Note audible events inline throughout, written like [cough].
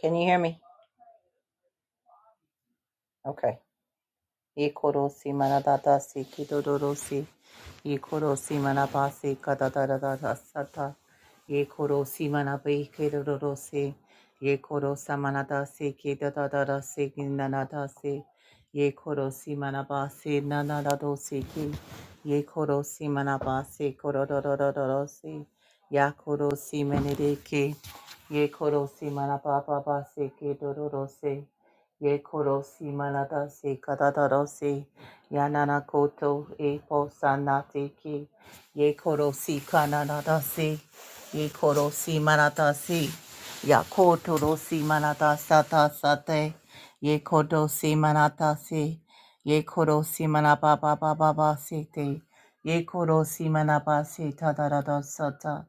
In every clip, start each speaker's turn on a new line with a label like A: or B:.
A: Can you hear me? Okay. Ikorosi manadadasi kidodorosi. Ikorosi manabasi kadadadadada sata. Ikorosi manabi kidodorosi. Ikorosa manadasi kidadadadasi kinanadasi. Ikorosi manabasi nanadadosi ki. Ikorosi manabasi korododododorosi. Yakorosi menedeki. Ikorosi manabababasi kidodorosi. Ye korosi manadasi kadadarosi yanana koto e posanati ki ye korosi kananadasi ye korosi manadasi ya koto rosi manadasata sate ye kodosi manadasi ye korosi manababa baba sete ye korosi manabasi tadaradasata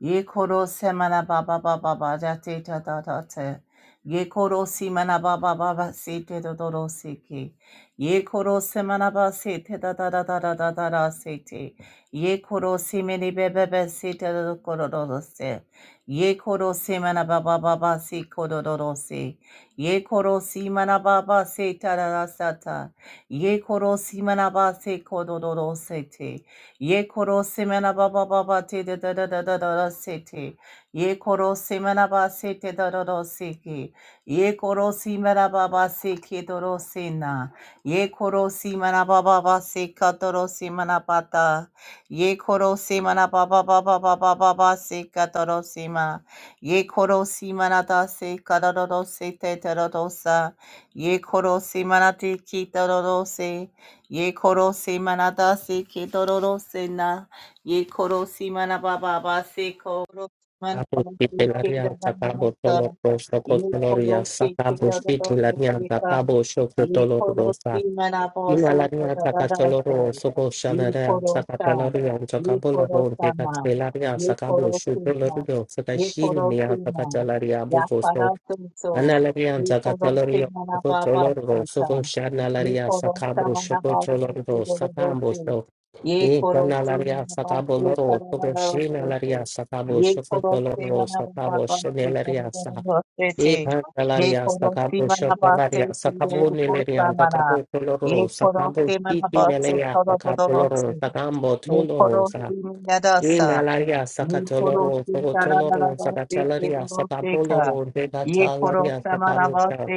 A: ye koro semana baba baba baja te ta ta ta te ye koro simana baba baba se te do do do se ke ye koro semana ba se te da da da da da da da da se te ye koro simene be be be se te do do koro do do se ye koro semana baba baba se koro do do se ye koro simana baba se ta da da sa ta ye koro simana ba se koro do do se te Ye koro semena ba ba ba ba te da da da da da da da se te. Ye koro semena ba se te da da da se ke. Ye koro semena ba ba se ke do ro se na. Ye koro semena ba ba ba se ka do ro semena ba ta. Ye koro semena ba ba ba ba ba ba ba ba se ka do ro sema. Ye koro semena da se ka do ro ro se te da ro ro sa. Ye koro semena te ki do ro ro se. Ye koro se manada se ke dororo se na. Ye koro se manababa se koro se
B: Abu
A: manababa se
B: Kitelaria Sakabo
A: ke
B: Tolor Rosa
A: Ye koro
B: Cotoloria
A: se te
B: Sakabo
A: da da da da
B: Shitularia
A: se ka.
B: Sakabo
A: Ye
B: Shokotolor
A: koro si
B: Rosa
A: mana bo se te
B: Ilalaria
A: da da da se.
B: Sakatoloro Soko
A: Ye
B: Shanarea
A: koro sa.
B: Sakatoloria
A: Ye
B: Sakabolo
A: koro sa ma.
B: Hekatelaria
A: Ye
B: Sakabo
A: koro si ka.
B: Shutolorio
A: Ye koro si
B: Sakashinia
A: ma.
B: Sakatalaria
A: Ya para
B: Bokoso
A: se so.
B: Analaria
A: Ye koro si
B: Sakatolorio
A: mana
B: Soko
A: ba ba se
B: Toloro
A: ka.
B: Soko
A: Ye
B: Shanalaria
A: koro sa
B: Sakabo
A: mana ba se
B: Shokotoloro
A: te da da da se.
B: Sakabo
A: Ye koro
B: Ikana
A: si
B: laria
A: mana ba
B: sakabo
A: se ka
B: loro,
A: da da
B: toko shina
A: da se.
B: laria sakabo,
A: Ye
B: shoko
A: korosi
B: loro, sakabo
A: manabasete
B: shene laria sa.
A: korosete.
B: Ikana
A: Ye
B: laria
A: korosi
B: sakabo, shoko laria
A: manabasete
B: sakabo
A: korosete
B: neleria,
A: mana.
B: sakabo
A: Ye
B: loro,
A: korosi
B: sakabo kiki
A: manabasete
B: neleria, sakabo loro,
A: korosete.
B: sakambo
A: Ye
B: tolo
A: korosi
B: sa.
A: manadasa.
B: Ina laria
A: Ye
B: sakato loro,
A: korosi
B: toko toloro,
A: taranabasete
B: sakatalaria, sakabo
A: koroseka.
B: loro,
A: Ye
B: debata
A: korosa manabasete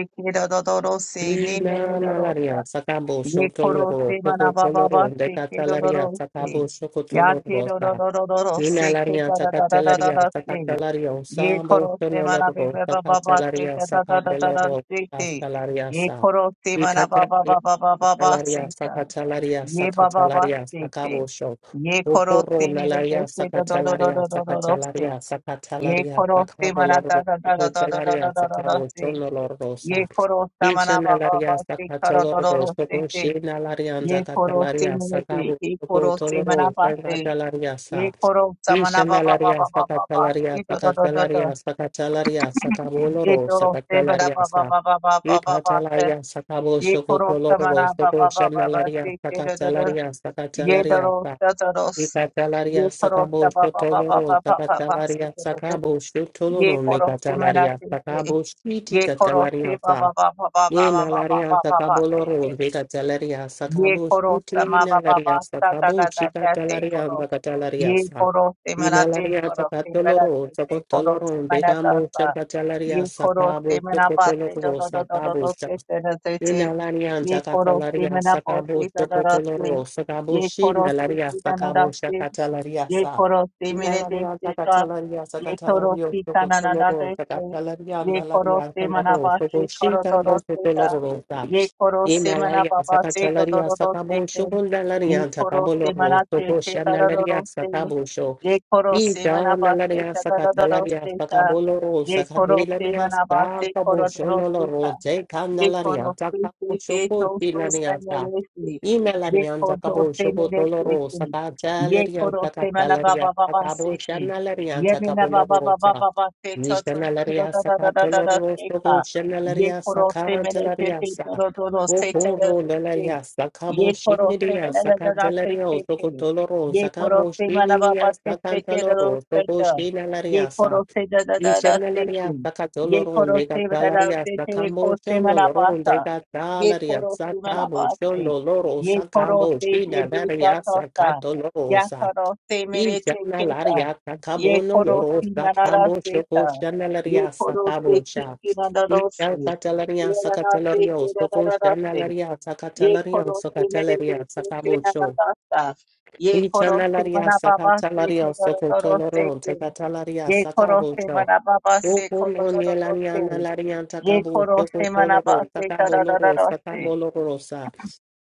B: Ina nalaria
A: korosete
B: sakabo
A: ye koro
B: shotoloro
A: se mana baba
B: sokotoloro
A: ba se ke do do
B: dekatalaria
A: do
B: sakabo
A: se ya ke
B: shokotoloro
A: do
B: sa.
A: do do do do do se ke
B: Inalaria
A: da da da da da da da
B: sacatelaria
A: se
B: sacatelario
A: ye
B: sambo
A: koro se mana
B: sonoloro
A: baba baba ba se
B: sacatelaria
A: da da da da da da
B: sacabeloro
A: se te
B: sacatelaria
A: ye
B: sa
A: koro se mana baba
B: vicatelaria
A: baba baba ba se ta
B: sacatelaria
A: ye baba ba
B: sacatelaria sacatelaria
A: se te
B: sacabosho
A: ye koro se
B: Oporo
A: mere te
B: nalaria
A: se do do do do
B: sacatelaria
A: do do do do se
B: sacatelaria
A: ye
B: sacatelaria
A: koro se mana da
B: sacaboloro
A: da da da da da da da
B: sacatelaria
A: da da
B: sacabocho
A: se
B: noloro
A: ye
B: sa
A: koro se mana baba ba
B: Inchanalaria
A: se ka do do do
B: sacatoloro
A: se
B: soco shinalaria
A: Ye koro se
B: sacatelaria
A: menete,
B: sacabo
A: ye
B: soco
A: koro se
B: toloro
A: manabase,
B: sacatelaria
A: ye
B: sa
A: koro samana ba ba ba
B: Ishanalaria,
A: ba ba ba ba,
B: Sakatalaria,
A: ye do do do do do,
B: Sakatalaria, Sakatalaria,
A: ye
B: Sakaboloro,
A: koro se bara
B: Sakatalaria,
A: ba ba
B: Sa.
A: ba ba ba ba ba ba se,
B: Ikatalaria, Sakabo,
A: ye koro
B: Shokotoloro,
A: samana ba
B: Soko
A: ba ba ba ba
B: Shanalaria,
A: se, ye do do do,
B: Sakatalaria,
A: ye do
B: Sakatalaria,
A: do
B: Sa.
A: do do do,
B: Ikatalaria,
A: ye koro
B: Sakabo,
A: sa ba ba ba ba
B: Shotoloro,
A: ba ba ba ba se,
B: Sakatalaria,
A: do do do,
B: Sakabo,
A: ye
B: Shotoloro,
A: koro se
B: Nikatalaria,
A: menate se,
B: Sakabo, Shiti,
A: ye koro se ba
B: Katalaria,
A: ba ba ba ba
B: Ye
A: ba ba ba
B: nalaria
A: ba ba ba se
B: sakaboloro
A: se,
B: vega talaria
A: ye
B: sakabo
A: koro
B: shuti
A: sama ba ba
B: nalaria
A: ba sa ta ta
B: sakabo
A: ta
B: shika
A: ta
B: talaria
A: se ye
B: bakatalaria sa.
A: koro se manate
B: Inalaria
A: koro se berate
B: sakatoloro
A: se koro se
B: sakotoloro
A: manata
B: vegamo
A: sa
B: shaka
A: ye
B: talaria
A: koro
B: sakabo
A: se manapa se do
B: shokotoloro
A: do do do do
B: sakabo
A: do se se do se se
B: Ina larian
A: ye
B: jakata
A: koro se
B: laria
A: manapo
B: sakabo
A: se da da da se
B: chokotoloro sakabo
A: ye koro
B: shina
A: se
B: laria
A: se da da da
B: sakabo
A: se
B: shakata laria
A: Ye
B: sa.
A: korosi
B: Ina
A: mirete
B: laria
A: shika.
B: jakata laria
A: Ye
B: sakata lario
A: korosi kananadate
B: chokotoloro
A: se.
B: sakata laria
A: Ye
B: na laria
A: korosi
B: koloro
A: manabashi
B: soko shika boko
A: korodorosita.
B: toloro sa.
A: Ye korosi
B: Ina laria
A: manababase
B: sakata laria sakabo
A: todororosite.
B: shokunda
A: Ye
B: laria sakabo
A: korosi
B: loro
A: manate
B: soko shana laria
A: chetarororosite.
B: sakabo
A: Ye korosi manabase
B: Ijanalaria sakatalaria
A: tadororosita.
B: sakaboloro
A: Ye korosi
B: sakadelaria
A: manabase ka.
B: sakaboshonoloro
A: Ye
B: jekanalaria
A: koro se se da da
B: sakaboshokotilaria Imelarian Zakabo Shoko Toloro Saka Chalerian Saka Chalaria Sakabo Shanalarian Sakapolorosa Nishanalaria Saka Toloro Soko Shanalaria Saka Chalaria Sa Okoro Lalaria Sakabo Shinidia Saka Chalario Soko Toloro Sakamo Shinidia Saka Toloro Soko Shinalaria Sac
A: da da se
B: Isheneleria
A: Ye
B: sakatoloron
A: koro
B: de
A: se vedara
B: gatalaria
A: vete ko
B: sakamo
A: se
B: shono loron de
A: manapasa. Ye
B: gatalaria
A: koro se
B: sakamo
A: manapase.
B: shono loro
A: Ye koro
B: sakamo
A: se
B: shina
A: bebe
B: daria
A: satosa. Ya
B: sakatolosa.
A: koro se merete keta.
B: Ishenelaria
A: Ye
B: sakabono
A: koro
B: loro
A: se manara
B: sakamo
A: seta.
B: shoko
A: Ye
B: sheneleria
A: koro se
B: sakamo sha.
A: kiki manaro
B: Ishen
A: se.
B: katalaria
A: Ye nana se
B: sakatalario soko
A: kira
B: sheneleria
A: Yeh
B: sakatalario
A: khoro se maine dekh
B: sakatalaria
A: liya se
B: sakamo
A: na na
B: sho.
A: na se, yeh khoro se
B: Isheneleria
A: mana baba se ke
B: sakatalario
A: daro
B: soko
A: daro se
B: toloron
A: ke,
B: de gatalaria
A: yeh khoro
B: sakamo
A: se
B: sho.
A: mana baba se khoro
B: Rokoro
A: daro daro se
B: nielaniana
A: ke,
B: larianta
A: yeh
B: cabo
A: khoro
B: shoko
A: se mana baba
B: toloro
A: se ka
B: sacabo
A: daro
B: loro
A: daro se ke,
B: sacabo lorosa.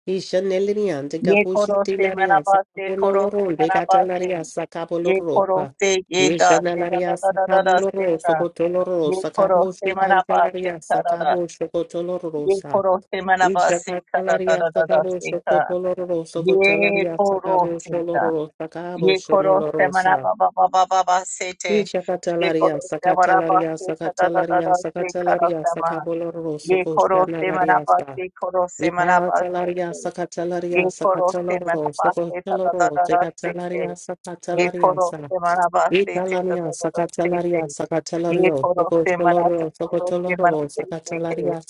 B: Isha nelinian de
A: yeh
B: gabushi
A: khoro se mana
B: tilarian
A: baba se
B: sacabo
A: khoro se
B: loro de
A: mana baba se,
B: catalaria sacabo
A: yeh khoro
B: lorosa.
A: se ke da
B: Isha
A: se da da
B: nalaria
A: da da da
B: sacabo
A: da se
B: loro
A: ka,
B: socotoloro
A: yeh khoro
B: sacabo
A: se
B: shi
A: mana baba se
B: cantalaria
A: ka da,
B: sacabo
A: yeh
B: shocotolorosa.
A: khoro se mana baba
B: Isha
A: se ka da
B: cantalaria
A: da da da
B: sacabo
A: se ka.
B: shocotoloro
A: Ye
B: socotalaria
A: koro
B: sacabo
A: seta.
B: sholoro
A: Ye
B: sacabo
A: koro semana
B: shonolorosa.
A: ba ba ba ba ba ba sete. Ye
B: Ishakatalaria,
A: koro semana ba
B: Sakatalaria,
A: seta da da da
B: Sakatalaria,
A: da se kara
B: Sakatalaria,
A: sema.
B: Sakaboloro,
A: Ye koro semana ba
B: Sokoshanalariasa.
A: se koro semana ba
B: Ipatalaria,
A: sete. Ye
B: Sakatalaria,
A: koro semana
B: Sakataloro,
A: ba seta da da
B: Sokoshaloro,
A: da da sete.
B: Sekatalaria,
A: Ye koro
B: Sakatalariasa.
A: semana ba sete da da
B: Italamia,
A: da da sete.
B: Sakatalaria,
A: Ye
B: Sakatalario,
A: koro semana to
B: Sokoshaloro,
A: koro semana
B: Sokotoloro,
A: sete.
B: Sakatalaria,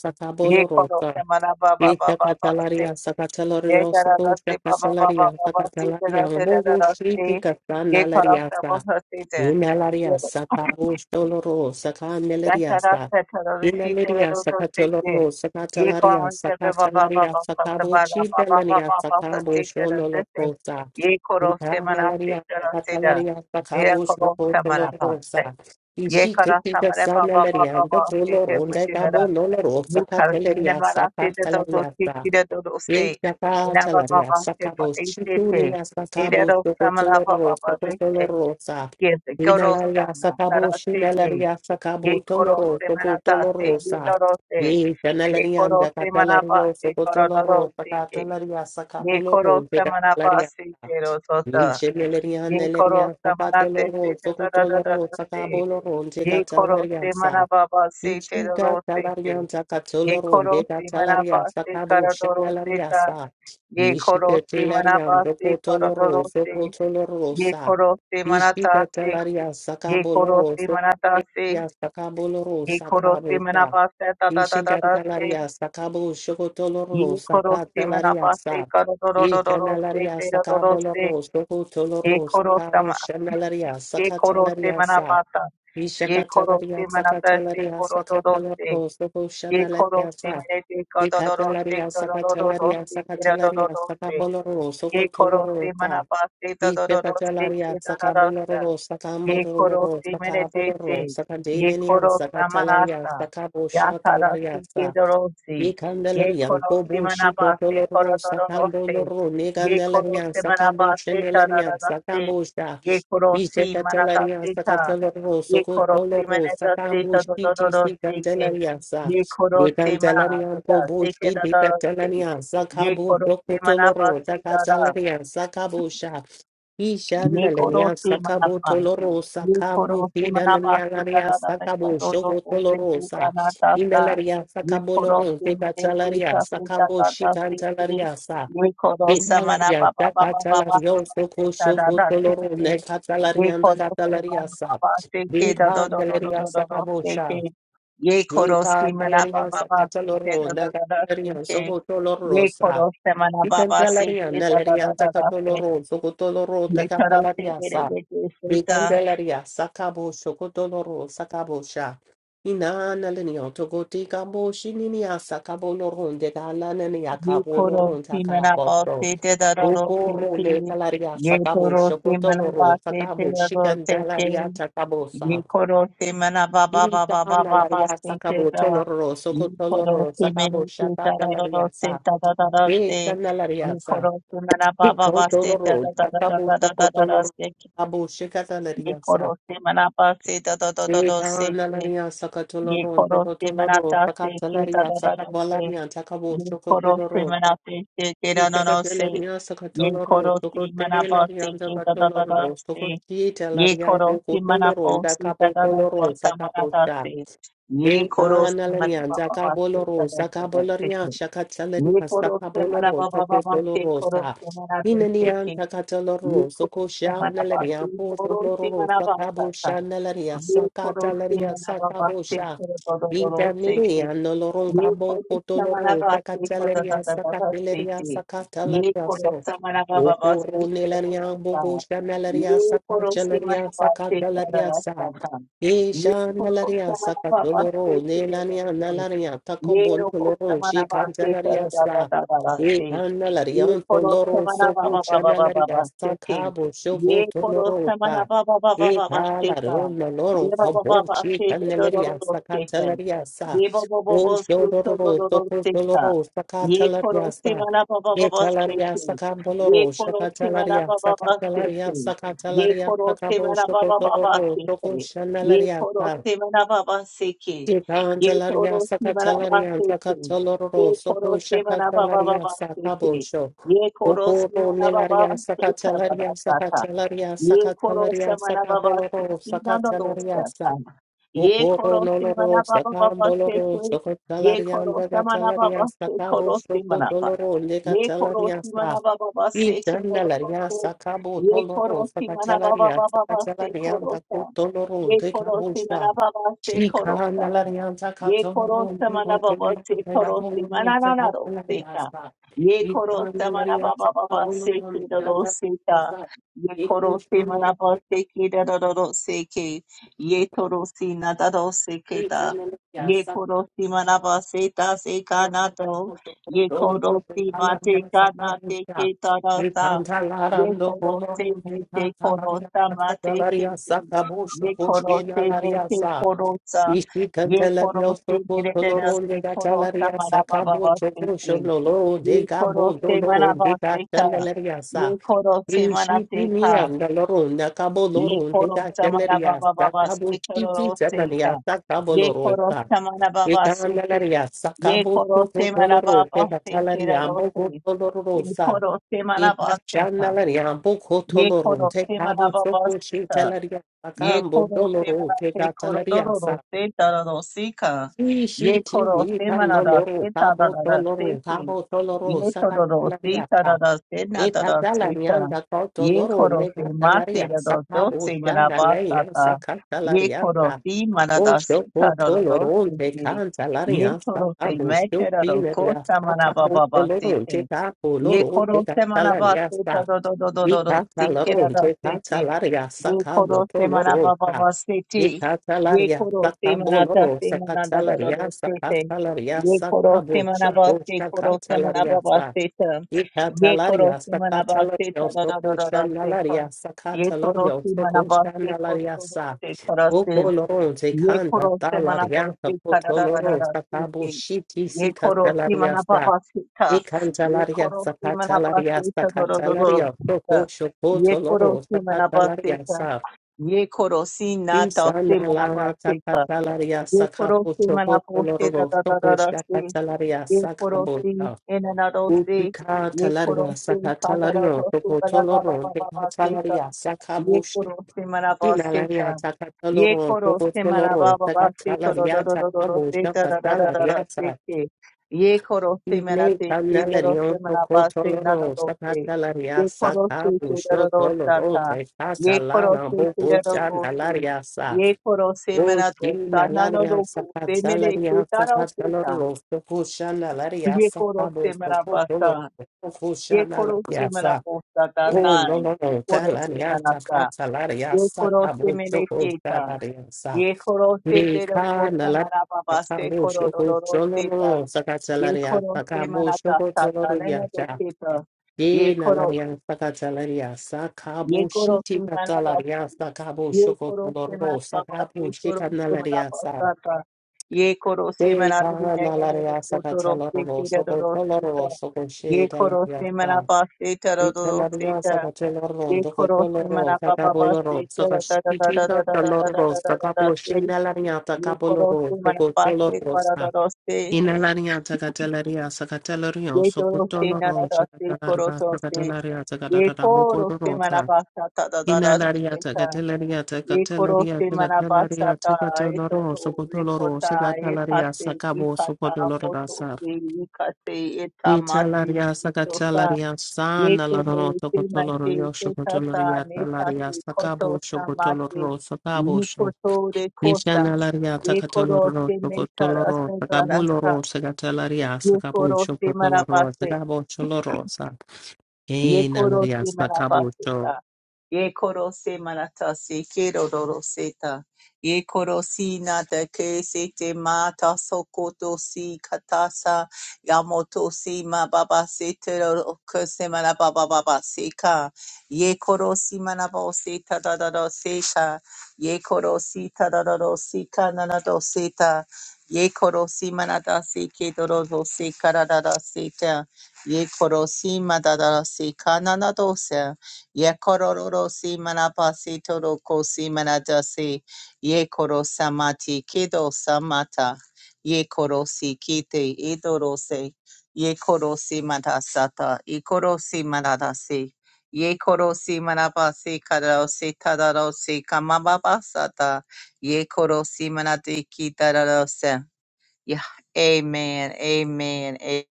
A: Ye koro
B: Sakabolorosa.
A: semana ba ba ba ba ba
B: Ishakatalaria, Sakatalario,
A: Yekarabasti baba baba
B: Sokoshakatalaria,
A: baba
B: Sakatalaria,
A: sitarase
B: Mogo Shri
A: dararasti
B: Kasana
A: yekarasta
B: Lariasa.
A: bhastite
B: Inalaria sakabu stoloro sakanelaria
A: yekarasta
B: sa
A: tararasi
B: inaleria saka
A: tararasite
B: toloro saka talaria
A: yekarasta
B: saka
A: baba
B: talaria
A: baba
B: saka
A: kasabara
B: bochi
A: baba
B: delania
A: baba
B: saka
A: bhastite
B: bosholo
A: rasite
B: rosa
A: yekorosse manaste
B: inalaria
A: tarase da
B: sakatoloro sakatalaria sakatalaria sakabu chidelania sakabu stoloro sa inalaria sakatalaria sakabu
A: yekorosse
B: stoloro sa
A: manapante yekarasta
B: ishikita
A: manapa baba
B: sanalaria ndoloro
A: baba
B: ndegabo noloro
A: Yin karşımda
B: sakatalaria
A: bana sede do do
B: sakatalaria
A: tekile do do se. Ela baba
B: Yeshakatalaria
A: baba se pa
B: sakabos
A: ese te.
B: chitulia
A: Ela
B: sakabos
A: do samala
B: tokotoloro
A: baba baba se.
B: tokotoloro sa.
A: Yes, koro
B: Inalaria
A: sana sara
B: sakabos
A: se
B: shinalaria
A: Ye
B: sakabos
A: koro
B: toloro
A: se mana ta se.
B: tokotoloro
A: Ye
B: sa.
A: do se. Ye
B: Yeshanalaria
A: koro se mana pa
B: sakatalario
A: se koro do do
B: tokotoloro
A: ke.
B: sakatalaria
A: Ye koro
B: sakaboloro
A: se mana pa
B: sakatalaria
A: se
B: sa.
A: ke ro so ta.
B: Yeshanalaria
A: Ye koro
B: nalaria
A: se mana te
B: sakatoloro
A: do do do do
B: tokotoloro
A: se.
B: sakaboloro
A: Ye koro
B: sakatalaria
A: se
B: sa.
A: mana baba se te do do
B: Ijika
A: ke
B: talaria
A: ye
B: takatoloro
A: koro
B: ndeka
A: si manaba
B: talaria
A: se
B: sakabo
A: karadoro
B: shanalaria
A: seta
B: sa.
A: ye koro
B: Nishika
A: si
B: talaria
A: manaba se
B: ndoko
A: karadoro
B: toloro
A: se
B: soko toloro
A: ye
B: sa.
A: koro si manata
B: Ijika
A: se
B: talaria
A: ye
B: sakabo
A: koro
B: loro
A: si
B: soko
A: manata se
B: talaria sakabo loro
A: ye koro si
B: sakabo sa.
A: manaba se ta ta ta ta
B: Ijika
A: ta se
B: talaria sakabo soko toloro
A: ye koro
B: saka
A: si manaba
B: talaria
A: se
B: sa.
A: karadoro do do do se
B: Ijanaria
A: karadoro
B: sakabo
A: se
B: loro soko
A: ye
B: toloro
A: koro
B: sakabo
A: sama
B: shanalaria
A: ye koro si
B: sakatalaria sa.
A: manaba ta ye koro si
B: Ishakatalaria
A: manata se
B: sakatalaria
A: koro do do se
B: sakatalapo sobo
A: ye koro
B: shanalaria
A: si
B: sa.
A: manete karadoro se
B: Ikatalaria
A: karadoro do
B: sakatalaria
A: se karadoro
B: sakatalaria
A: do se
B: sakaboloro sobo
A: Ye koro
B: toloro
A: se
B: sa.
A: manapaste tadororo se
B: Ishakatalaria
A: kedararasta.
B: sakaboloro
A: Ye koro
B: sakamororo
A: se menete
B: sakaboloro
A: se. Ye
B: sakadenia
A: koro
B: sakatalaria
A: samanasta.
B: sakabo
A: Ya tarasi
B: Shatalaria
A: kedoro se. Ye
B: Ikandelerian
A: koro se
B: Bobo Shiko
A: manapaste
B: Toloro
A: korodororo
B: Sakambo
A: se.
B: Loro
A: Ye koro
B: Nigandelerian
A: se
B: Sakamo
A: manapaste
B: Shenelerian
A: tadararaste.
B: Sakamo Sha
A: Ye koro se
B: Ishekatalarian
A: manataste ta.
B: Sakataloro
A: Ye
B: Soko
A: koro se
B: Toloro
A: menetaste
B: Sakambo Shiti
A: tadororo se ke.
B: Sikandelarian Sa
A: Ye koro se ma.
B: Nigandelarian Bobo Shiti Katalarian
A: Ye
B: Sakabo
A: koro se
B: Soko Toloro
A: manapaste
B: Sakatalarian Sakabo
A: one
B: Ishanda
A: horse,
B: lenya sakabo
A: manapa.
B: tolorosa
A: One
B: kambo
A: horse,
B: kida
A: manapa.
B: lenya
A: So da
B: lenya
A: da da da
B: sakabo
A: da
B: shogo tolorosa
A: da da da da.
B: inalaria
A: One
B: sakabo
A: horse,
B: loro
A: manapa.
B: vega talaria sakabo shikanta laria sa
A: One horse,
B: inalaria
A: manapa.
B: sakatalario soko
A: So da da da da da da da da da. One horse, manapa. So da da
B: shogo
A: da da da da da da
B: toloro ne
A: da. One
B: katalaria anda
A: horse,
B: katalaria sa
A: manapa. So da da da da da
B: Bika galeria
A: da da da da.
B: sakabo sha
A: One
B: shika galeria
A: horse, manapa. So da da da
B: sakataloro
A: da
B: na galeria soko tolorosa Vicandelaria,
A: da
B: Neleria,
A: da da da da.
B: Zacatoloro, Socotoloro,
A: ये तरफ से
B: Zacatelaria,
A: तेरे
B: Sa,
A: बेटे Sita
B: Vicandelaria, Sacabo, Socotoloro, Sacabosha, Ina, Nelenio, Togoti, Cabo, Shinia, Sacabo, Loron, de Galanania,
A: ये
B: Cabo,
A: खोरो
B: Loron,
A: सी मना पास
B: Sacaboso,
A: से ते दरो रो से
B: Ucoro, Le
A: से
B: Calaria,
A: ये
B: Sacabo,
A: खोरो सी मना
B: Socotoloro,
A: पास से ते
B: Sacabo,
A: दरो से के
B: Chicandelaria,
A: ये
B: Sacabosa,
A: खोरो सी मना बाबा
B: Ita,
A: बाबा बाबा पास
B: Nalaria,
A: से ते
B: Sacabo,
A: दवा
B: Toloro,
A: ये खोरो
B: Socotoloro,
A: सी मेरे
B: Sacabo,
A: के दरो रो रो
B: Shacatelaria,
A: से
B: Sa,
A: दरो दरो से
B: Vicandelaria,
A: ये खोरो सी मना बाबा पास से ते
B: Chikotoloro,
A: दरो
B: Tatabu
A: दरो दरो दरो
B: Chocotoloro,
A: से के
B: Tabu
A: ये
B: Shikatalaria Sa,
A: खोरो सी मना पास से दरो दरो दरो से के
B: Chikanalaria
A: ये
B: Sakatoloro,
A: खोरो सी मना
B: Chocotoloro,
A: पास से के
B: Sakatalaria,
A: दरो दरो से
B: Sakabalaria, Takabu
A: Ye koro si
B: Chocotoloro,
A: manate se kera no no se.
B: Chikatalaria
A: Ye
B: Sakatoloro,
A: koro si manapo se
B: Chocotelaria,
A: ke da da da da
B: Sakatoloro,
A: se. Ye
B: Chocotitalaria,
A: koro si manapo
B: Bocotoloro,
A: se da
B: Dakabo
A: da da da
B: Toloro,
A: da manata
B: Sakaposha.
A: se. Ye koro si
B: Ekanalania,
A: manapo ba ba se da
B: Zakaboloro,
A: da da da se
B: Zakaboloria,
A: ke. Ye
B: Shakatalania,
A: koro si manapo
B: Zakaboloro,
A: ba ba ba se koro
B: Tokosolorosa,
A: si manate se
B: Minanian,
A: ke. Ye
B: Zakataloro,
A: koro si
B: Sokosha,
A: manapo se
B: Nalaria,
A: koro si
B: Potoloro,
A: manapo sa sa.
B: Sakabosha, Nalaria,
A: Ye koro si
B: Sakatalaria,
A: manapo ba se
B: Sakabosha,
A: koro do do do do
B: Vida
A: se
B: miria no
A: Ye
B: loronga
A: koro
B: bo
A: samana
B: potoloro
A: bhakti koda da
B: zakateleria
A: da da bhakti
B: sakateleria
A: ti. Ye
B: sakateleria
A: koro
B: so.
A: samana bhava bhakti
B: Okoro
A: koda
B: nelaria
A: bhakti ta.
B: bogo
A: Ye
B: shamelaria
A: koro samana
B: sakateleria
A: bhakti koda
B: sakateleria
A: rasta
B: sa.
A: ta. Ye
B: Isha
A: koro
B: nelaria
A: samana bhava bhakti
B: sakatoloro nelania
A: koda
B: nalaria takobo
A: Yero
B: noloro
A: Samana Base
B: shikanteleria sa.
A: Base.
B: Ita nelaria
A: Ye Koro
B: ontoloro
A: Samana
B: sopo
A: Baba Baba
B: shamelaria
A: Baba Base.
B: sakabo shofo
A: Ye Koro
B: toloro
A: Samana
B: sa.
A: Baba Baba Baba Base.
B: Italaruna loro
A: Ye Baba Baba
B: kobochi
A: Base
B: caneleria
A: Dodo Station.
B: sacatelaria sa.
A: Ye Baba Baba Base
B: Ushororo
A: Dodo Station.
B: tocosolo
A: Ye Koro
B: sacatelaria sa.
A: Samana Baba Baba
B: Italaria
A: Station. Ye
B: sacamboloro
A: Koro Samana
B: sacatelaria
A: Baba Baba
B: sacatelaria
A: Station. Ye
B: sacatelaria
A: Koro Samana Baba Baba
B: sacabosocotoro
A: Station. Ye
B: tocosanelaria
A: Koro
B: sa.
A: Samana Baba Seke. Ye
B: Itantelaria
A: toro shimara
B: sacatelaria
A: basete. Ye
B: sacatoloro
A: koro
B: soco
A: simana baba
B: sacatelaria
A: baba sete.
B: sacabosho.
A: Ye koro
B: Obobo
A: simana baba
B: nelaria
A: sete
B: sakatelaria
A: baba sata.
B: sakatelaria
A: Ye koro
B: sakatelaria
A: simana baba
B: sakaboloro
A: sete na na no
B: sakatelaria sa
A: sata. Ye
B: Okoro
A: koro
B: noloro
A: simana baba baba
B: sakamboloro
A: sete. Ye
B: sakatelaria
A: koro simana
B: sakatelaria
A: baba sete
B: sakabo
A: koro simana, ba.
B: sokotoloro
A: Ye koro
B: lekatelaria sa
A: shimara baba baba sete na na no
B: Ichanalaria
A: sete.
B: sakabo
A: Ye
B: toloro
A: koro shimara baba
B: sakatelaria
A: baba sete
B: sakatelaria
A: koro sa.
B: dakotoloro
A: Ye koro simana
B: dekabosha
A: baba sete koro sa. Ye korosta mana baba se korosti mana na na ro seka. Ye korosta mana baba baba se ki da ro seka. Ye korosti mana baba se ki da ro ro ro seke. Ye
B: Ikanda
A: torosti na da ro seke da. Ye korosti mana baba se ta se ka na to. Ye korosti ma te ka na te ke ta ra sa. Ye korosti me te korosta ma te ke. te. Ye korosti me te korosta.
B: Ishi
A: Ye
B: kantele
A: korosi
B: bioso
A: merededas
B: kotoloro
A: ke
B: de
A: korosa
B: gatalaria sakabo
A: manababa
B: chokosho
A: seke.
B: lolo
A: Ye
B: de gabo
A: korose
B: doloro
A: manaba
B: de
A: seka.
B: gatalaria
A: Ye
B: sa.
A: korose
B: Ishi kimia
A: manateka.
B: doloro na cabo
A: Ye
B: loro de
A: korosta mana
B: gatalaria
A: baba baba se
B: sakabo
A: seke
B: chiti
A: koroseka.
B: semania sakabo
A: Ye
B: loro sa.
A: korosa manababa seke.
B: Ikandalaria
A: Ye
B: sakabo
A: korose
B: chokotoloro
A: manababa
B: de
A: seke
B: gatalaria ambo
A: rose.
B: doloro
A: Ye
B: sa.
A: korose manaba seka.
B: Ipachandalaria ambo
A: Ye
B: kotoloro de
A: koroste mana
B: cabo
A: baba se
B: chokoshi
A: seka.
B: talaria
A: Ye
B: sakambo
A: koro se
B: doloro de
A: manate koro
B: gatalaria sa.
A: dororo se tararo sika. Ye koro
B: Ishitini
A: se manada
B: kandoloro,
A: se
B: tabo
A: tarara
B: toloro,
A: seki.
B: tabo toloro,
A: Ye tororo se
B: sakatalaria sa.
A: tarara se nadara seka.
B: Ekatalarianda
A: Ye
B: kotoloro,
A: koro se mate
B: nekatalaria
A: rado do
B: sakabo
A: se
B: shanaleya
A: manabasata. Ye
B: sakatalaria
A: koro
B: sa.
A: se manada se
B: Osho
A: tararo
B: kotoloro, te
A: seki. Ye
B: kantalaria
A: koro se
B: sakabo
A: mete rado
B: shofineria
A: kosa
B: sakabo
A: manababa
B: toloro, te
A: ye
B: kapoloro,
A: koro
B: te
A: se manaba se ta
B: katalaria
A: do do do do do do
B: Ikata
A: se
B: laro,
A: kera da se
B: tekata
A: te
B: laria,
A: ye
B: sakabo
A: koro se
B: toloro,
A: manaba ba
B: sa.
A: ba se te
B: Ikata
A: ye
B: laria,
A: koro se
B: sakabo
A: manata
B: loro,
A: se manada
B: sakata
A: do do do
B: laria,
A: se te
B: sakata laria,
A: ye koro se
B: sakabo,
A: manaba
B: shoko,
A: se koro
B: sakata
A: se manaba
B: laria,
A: ba se ta ye koro
B: Ikatalaria
A: se manaba se ta
B: sakatalario
A: do do do do do se ta
B: sokoshanalaria
A: ye koro
B: sakatalario
A: se manaba se koro
B: sokoshanalaria
A: do do
B: sa.
A: se kara se
B: Okoloron
A: ye
B: tekanda
A: koro se manaba
B: talaria
A: se kara da da da da
B: sakotoloro
A: da se
B: sakabo
A: te
B: shiti
A: Ye koro si
B: sikatalaria
A: mana
B: sa.
A: baba sita. Ye
B: Ikantalaria
A: koro si mana baba
B: sakatalaria
A: sita doro doro doro
B: sakatalaria
A: sita. Ye koro
B: sokoshokotoloro
A: si mana baba
B: sakatalaria
A: sita.
B: sa.
A: Ye koro si nata si mana baba
B: Isanalana
A: sita.
B: sakatalaria
A: Ye koro
B: sakabo
A: si mana baba sita
B: sokotoloro
A: da da da da si.
B: sokoshakatalaria
A: Ye koro
B: sakabo.
A: si enanado si.
B: Utika
A: Ye koro
B: talaria
A: si
B: saka
A: kada da da
B: talario
A: si
B: toko
A: bala baba
B: toloro teka
A: baba sita.
B: talaria saka
A: Ye
B: bushi
A: koro se maraba se
B: inalaria
A: ta.
B: saka
A: Ye
B: toloro
A: koro
B: toko
A: se maraba
B: toloro
A: baba
B: saka
A: se to do do
B: talaria
A: do do do
B: saka
A: do se
B: busha
A: ta da da da da da
B: katalaria
A: se
B: sa
A: ke. Ye koro se mena
B: ine
A: se ke do do
B: kanalario
A: se
B: toko
A: maraba se na na
B: toloro
A: do
B: saka
A: se.
B: talaria
A: Ye koro
B: saka
A: se ke do
B: busho
A: do do sa
B: toloro
A: ta.
B: teka
A: Ye koro
B: talana
A: se ke
B: bobo
A: do do
B: cha
A: do se.
B: nalaria
A: Ye koro se
B: Oh,
A: mena
B: she
A: do
B: na
A: sa na na
B: laria
A: do po
B: sakat
A: se me de ke
B: salaria
A: ta ra
B: sakat
A: se ta.
B: kaloro soko shana laria
A: Ye koro
B: sakabo
A: se
B: soko
A: maraba
B: tolo
A: sa.
B: soko
A: Ye
B: shana
A: koro se
B: laria sa.
A: ta
B: Oh, no, no, no, talaria sakat salaria
A: Ye koro se
B: sakabo
A: mere
B: soko
A: kita.
B: shanaria sa.
A: Ye koro se te ro ko
B: Nika na
A: sa mara
B: laria
A: baba se
B: sakabo
A: koro ro
B: soko
A: ro ro
B: sholo
A: se ta.
B: no sakat
A: Ye
B: salaria
A: koro se
B: sakabo
A: mara ta
B: soko
A: ta ta ne ne do
B: tolo
A: se ta. Ye
B: Ye na
A: koro
B: laria saka talaria saka
A: ye
B: bo
A: koro se
B: shiti
A: mara ta.
B: katalaria saka bo
A: Ye
B: shoko
A: koro se mara
B: taloro
A: baba
B: saka bo
A: se koro
B: shika na
A: se mara
B: laria
A: baba
B: sa.
A: sa ta. Ye koro se
B: Ye
A: mara ne
B: ka
A: ne
B: na
A: ne ne ne
B: laria
A: ko
B: saka
A: to ro se
B: taloro
A: te ro ro
B: soko
A: se ta.
B: taloro soko she
A: Ye koro
B: talaria
A: se mara
B: sa.
A: ba se ta ro
B: Ye
A: ro ro se
B: talaria
A: ta.
B: saka taloro
A: Ye
B: ndoko
A: koro se
B: taloro
A: mara
B: saka
A: baba
B: boloro
A: se ta
B: saka
A: da da da da
B: shiti
A: da da da da da
B: taloro
A: da da
B: saka
A: da
B: bo she na laria
A: Ye
B: saka
A: koroste
B: boloro soko
A: manapase
B: taloro sa.
A: karadoroste.
B: Inalaria Zagatelaria Sacatelario,
A: Ye doroste
B: Socotoloro,
A: nanadaste
B: Chacatalaria,
A: korotoste.
B: Sacatelaria,
A: Ye
B: Zagatara
A: koroste
B: Mucodorosa,
A: manapasa
B: Inalaria
A: tadadadaste ta.
B: Zagatelaria,
A: Ye
B: Zacatelaria,
A: koroste manapasa
B: Zacatelaria,
A: ta. Eto
B: Zacatoloro,
A: to
B: Socotoloro,
A: ekota
B: Sacatalaria,
A: etase
B: Sacabo,
A: yukata moto
B: Socotolorasa,
A: se yukate etamate
B: Italaria,
A: yukosa.
B: Sacatelaria,
A: Ye
B: San, Alano,
A: koroste mate
B: Socotolorio,
A: etata
B: Socotoloria, Talaria,
A: metase koto
B: Sacabo,
A: samate.
B: Socotoloro, Sacabo,
A: Nikoto de kosa.
B: Nishanalaria
A: Ye
B: takatoloro
A: koroste
B: sokotoloro sakabuloro
A: metara
B: sakatalaria
A: Ye koro
B: sakabucho
A: se
B: kotoloro
A: manapase.
B: sakabo choloro sa
A: Ye koro
B: enalaria
A: se manapase
B: sakabucho
A: ta. Ye koro se manatase ke rororo se ta. Ye koro si nata ke se te mata sokoto si katasa. Yamoto si mababa se te roro ke se manababa baba se ka. Ye koro si manabo se ta da da da se ka. Ye koro si ta da da da si ka na na do se ta. Ye koro si manada se ke dororo se ka da da da se ta ye korosi madadasi kananadose, ye kororosi manapasi torokosi manadasi, ye korosamati kido samata, ye korosi kite idorose, ye korosi madasata, ikorosi madadasi, ye korosi manapasi kadarosi tadarosi kamababasata, ye korosi manadiki dadarose. Yeah, amen, amen, a-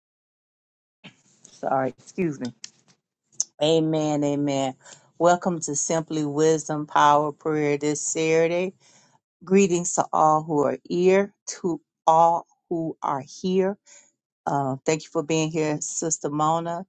A: sorry, excuse me. Amen, amen. Welcome to Simply Wisdom Power Prayer this Saturday. Greetings to all who are here, to all who are here. Uh, thank you for being here, Sister Mona,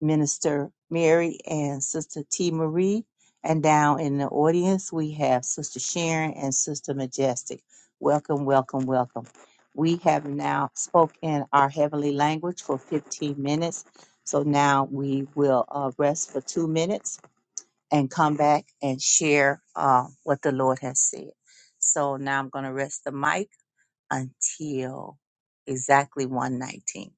A: Minister Mary, and Sister T. Marie. And down in the audience, we have Sister Sharon and Sister Majestic. Welcome, welcome, welcome. We have now spoke in our heavenly language for 15 minutes. So now we will uh, rest for two minutes and come back and share uh, what the Lord has said. So now I'm going to rest the mic until exactly 119.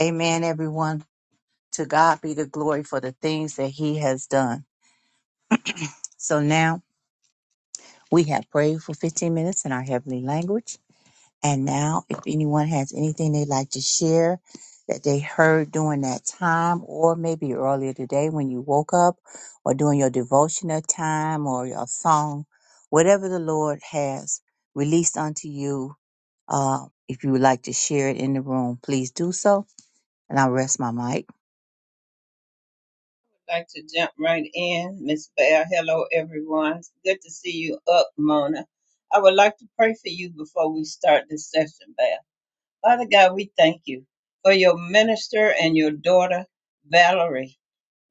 A: Amen, everyone. To God be the glory for the things that He has done. So now we have prayed for 15 minutes in our heavenly language. And now, if anyone has anything they'd like to share that they heard during that time, or maybe earlier today when you woke up, or during your devotional time, or your song, whatever the Lord has released unto you, uh, if you would like to share it in the room, please do so. And I'll rest my mic.
C: like to jump right in. Miss Bear, hello everyone. It's Good to see you up, Mona. I would like to pray for you before we start this session, Bear. Father God, we thank you for your minister and your daughter, Valerie.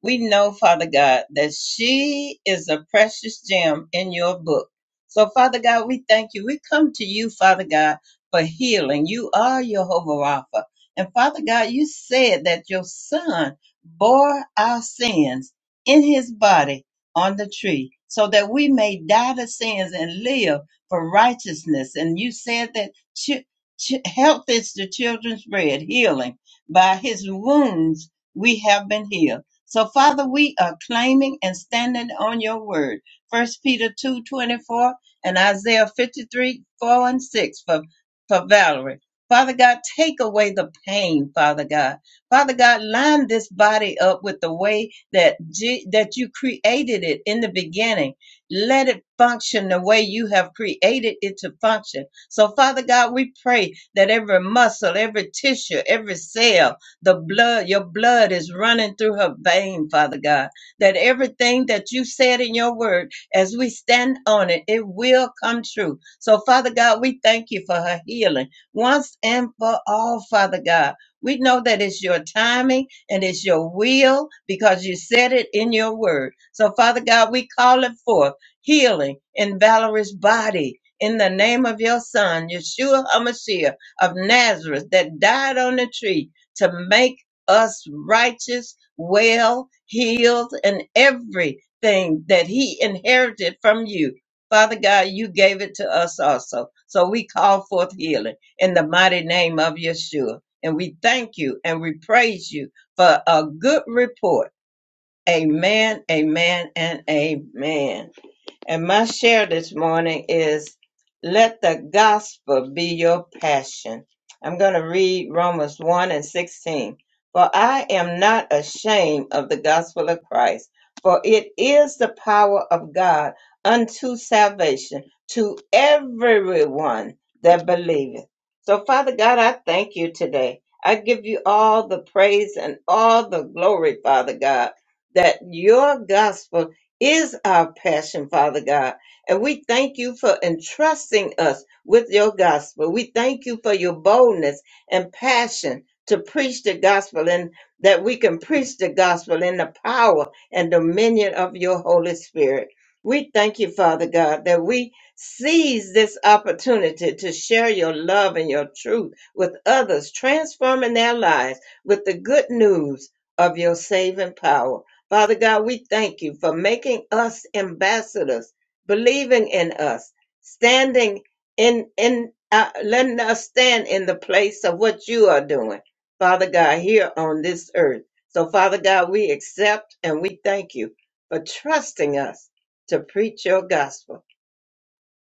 C: We know, Father God, that she is a precious gem in your book. So, Father God, we thank you. We come to you, Father God, for healing. You are Jehovah Rapha. And Father God, you said that your son bore our sins in his body on the tree so that we may die to sins and live for righteousness. And you said that ch- ch- health is the children's bread, healing. By his wounds, we have been healed. So, Father, we are claiming and standing on your word. First Peter 2 24 and Isaiah 53 4 and 6 for, for Valerie. Father God, take away the pain, Father God. Father God, line this body up with the way that, G, that you created it in the beginning. Let it function the way you have created it to function. So, Father God, we pray that every muscle, every tissue, every cell, the blood, your blood is running through her vein, Father God. That everything that you said in your word, as we stand on it, it will come true. So, Father God, we thank you for her healing once and for all, Father God. We know that it's your timing and it's your will because you said it in your word. So, Father God, we call it forth healing in Valerie's body in the name of your son, Yeshua HaMashiach of Nazareth, that died on the tree to make us righteous, well, healed, and everything that He inherited from you. Father God, you gave it to us also. So we call forth healing in the mighty name of Yeshua. And we thank you and we praise you for a good report. Amen, amen, and amen. And my share this morning is let the gospel be your passion. I'm going to read Romans 1 and 16. For I am not ashamed of the gospel of Christ, for it is the power of God unto salvation to everyone that believeth. So, Father God, I thank you today. I give you all the praise and all the glory, Father God, that your gospel is our passion, Father God. And we thank you for entrusting us with your gospel. We thank you for your boldness and passion to preach the gospel and that we can preach the gospel in the power and dominion of your Holy Spirit. We thank you, Father God, that we seize this opportunity to share your love and your truth with others, transforming their lives with the good news of your saving power. Father God, we thank you for making us ambassadors, believing in us, standing in in uh, letting us stand in the place of what you are doing, Father God, here on this earth. So, Father God, we accept and we thank you for trusting us to preach your gospel.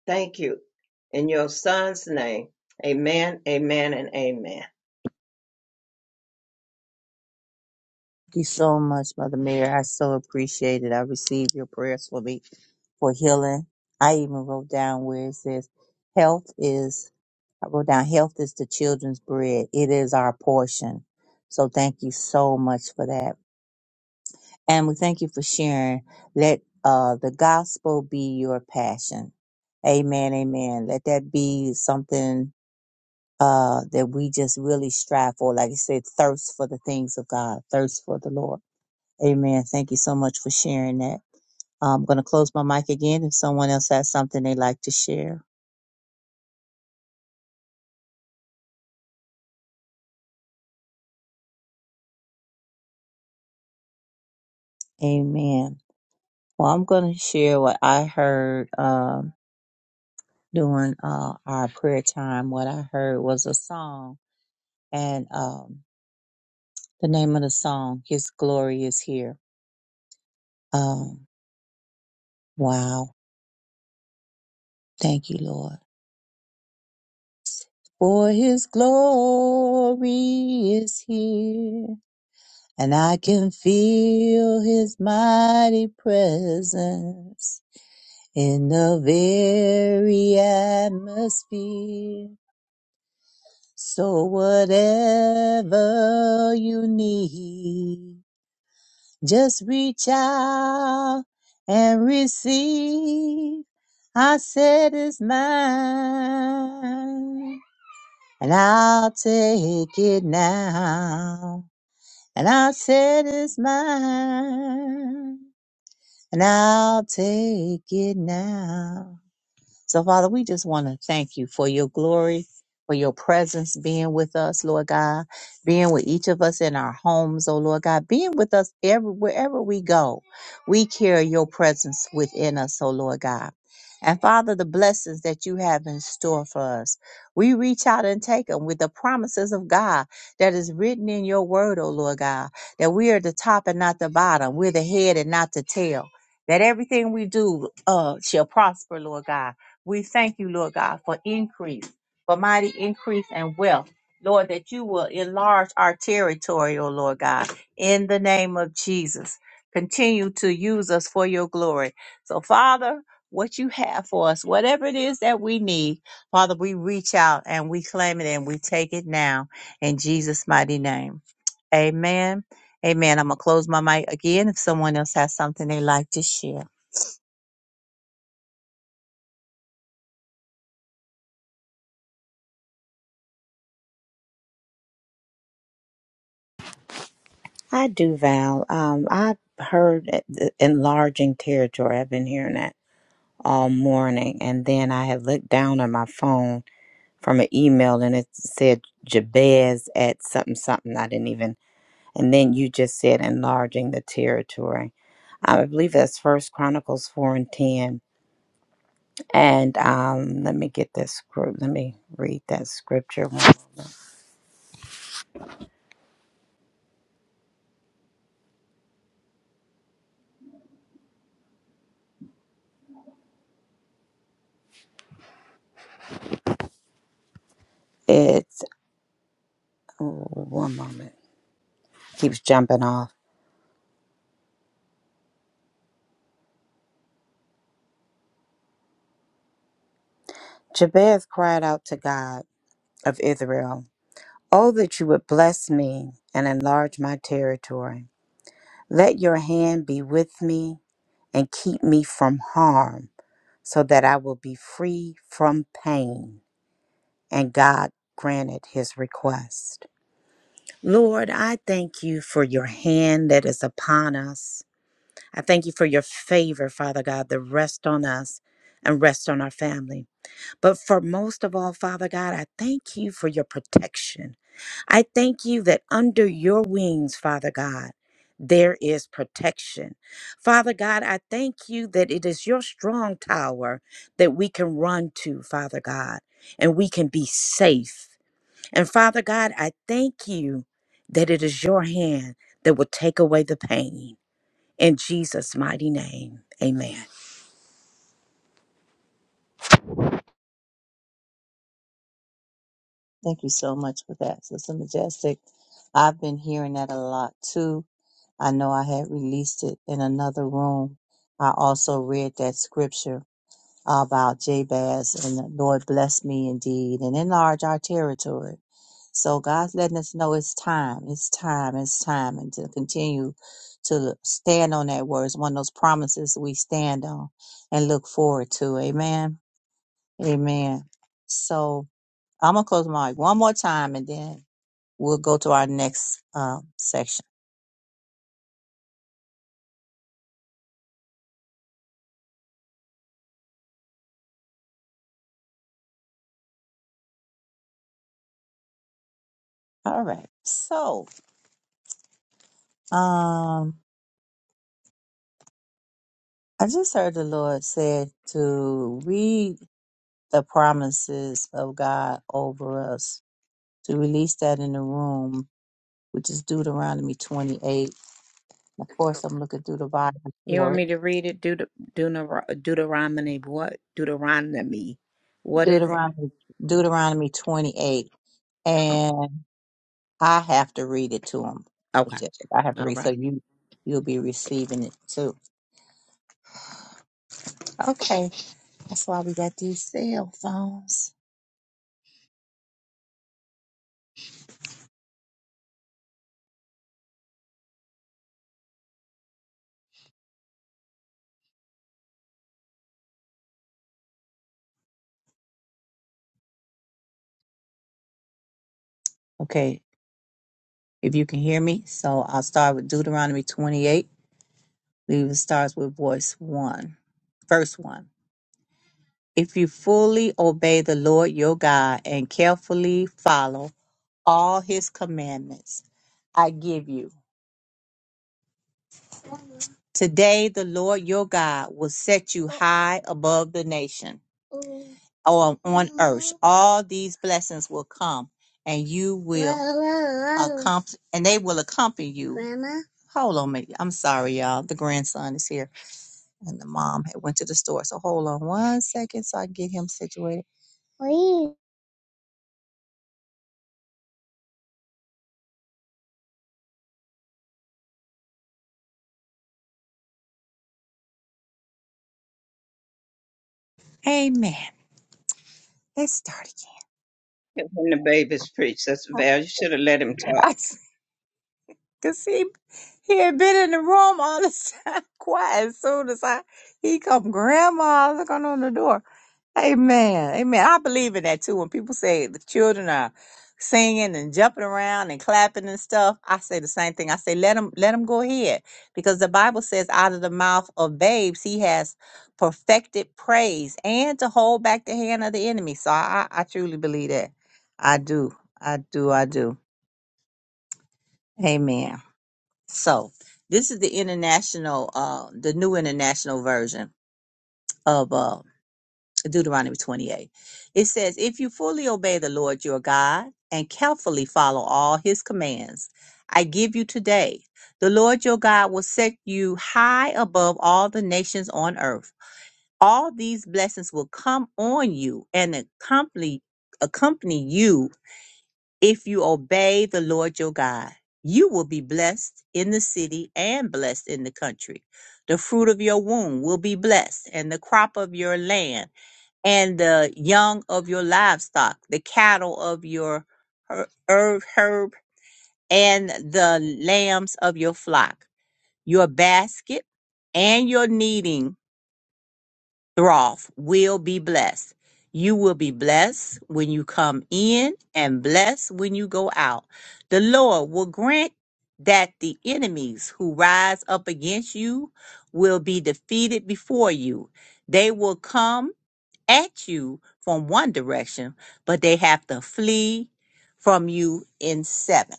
C: Thank you in your Son's name. Amen, amen, and amen.
A: Thank you so much, Mother Mary. I so appreciate it. I received your prayers for me for healing. I even wrote down where it says, health is I wrote down health is the children's bread. It is our portion. So thank you so much for that. And we thank you for sharing. Let uh, the gospel be your passion. Amen. Amen. Let that be something uh, that we just really strive for. Like I said, thirst for the things of God, thirst for the Lord. Amen. Thank you so much for sharing that. I'm going to close my mic again if someone else has something they'd like to share. Amen. Well, I'm going to share what I heard. Um, during uh, our prayer time, what I heard was a song, and um, the name of the song, His Glory is Here. Um, wow. Thank you, Lord. For His glory is here, and I can feel His mighty presence in the very atmosphere. So whatever you need. Just reach out and receive. I said it's mine, and I'll take it now. And I said it's mine, and I'll take it now. So, Father, we just want to thank you for your glory, for your presence being with us, Lord God, being with each of us in our homes, oh Lord God, being with us every, wherever we go. We carry your presence within us, oh Lord God. And Father, the blessings that you have in store for us, we reach out and take them with the promises of God that is written in your word, oh Lord God, that we are the top and not the bottom, we're the head and not the tail, that everything we do uh, shall prosper, Lord God we thank you, Lord God, for increase, for mighty increase and wealth. Lord, that you will enlarge our territory, O Lord God, in the name of Jesus. Continue to use us for your glory. So, Father, what you have for us, whatever it is that we need, Father, we reach out and we claim it and we take it now in Jesus' mighty name. Amen. Amen. I'm going to close my mic again if someone else has something they like to share.
D: I do, Val. Um, I heard it- the enlarging territory. I've been hearing that all morning. And then I had looked down on my phone from an email and it said Jabez at something, something. I didn't even. And then you just said enlarging the territory. I believe that's First Chronicles 4 and 10. And um, let me get this script. Let me read that scripture. It's oh, one moment. Keeps jumping off. Jabez cried out to God. of Israel. Oh, that you would bless me and enlarge my territory. Let your hand be with me and keep me from harm, so that I will be free from pain. And God granted his request. Lord, I thank you for your hand that is upon us. I thank you for your favor, Father God, that rest on us and rest on our family. But for most of all, Father God, I thank you for your protection. I thank you that under your wings, Father God, there is protection. Father God, I thank you that it is your strong tower that we can run to, Father God, and we can be safe. And Father God, I thank you that it is your hand that will take away the pain. In Jesus' mighty name, amen.
A: Thank you so much for that, Sister Majestic. I've been hearing that a lot too. I know I had released it in another room. I also read that scripture about Jabez and the Lord bless me indeed and enlarge our territory. So God's letting us know it's time, it's time, it's time, and to continue to stand on that word. It's one of those promises we stand on and look forward to. Amen. Amen. So I'm gonna close my mic one more time and then we'll go to our next um, section. All right. So, um, I just heard the Lord said to read the promises of God over us, to release that in the room, which is Deuteronomy 28. Of course, I'm looking through the Bible
D: You
A: for
D: want
A: it.
D: me to read it? Deut- Deuter- Deuteronomy, what? Deuteronomy. What is it?
A: Deuteronomy, Deuteronomy 28. And I have to read it to him.
D: Okay.
A: I have to
D: All
A: read. So
D: right.
A: you, you'll be receiving it too. Okay. That's why we got these cell phones. Okay, if you can hear me, so I'll start with Deuteronomy 28. It starts with voice one. Verse one. If you fully obey the Lord your God and carefully follow all his commandments, I give you. Today, the Lord your God will set you high above the nation or on earth. All these blessings will come and you will accompany, and they will accompany you. Hold on, mate. I'm sorry, y'all. The grandson is here and the mom had went to the store. So hold on one second so I can get him situated. Amen. Let's start
C: Let the babies preach. That's Val. You should have let him
A: again.
C: talk.
A: [laughs] Cause he he had been in the room all this time, [laughs] quiet. As soon as I he come, Grandma looking on the door. Amen, amen. I believe in that too. When people say the children are singing and jumping around and clapping and stuff, I say the same thing. I say let them let them go ahead, because the Bible says out of the mouth of babes he has perfected praise and to hold back the hand of the enemy. So I I I truly believe that. I do, I do, I do. Amen. So this is the international, uh, the new international version of uh, Deuteronomy 28. It says, If you fully obey the Lord your God and carefully follow all his commands, I give you today, the Lord your God will set you high above all the nations on earth. All these blessings will come on you and accompany accompany you if you obey the Lord your God. You will be blessed in the city and blessed in the country. The fruit of your womb will be blessed, and the crop of your land, and the young of your livestock, the cattle of your her- herb, herb, and the lambs of your flock. Your basket and your kneading Throff will be blessed. You will be blessed when you come in and blessed when you go out. The Lord will grant that the enemies who rise up against you will be defeated before you. They will come at you from one direction, but they have to flee from you in seven.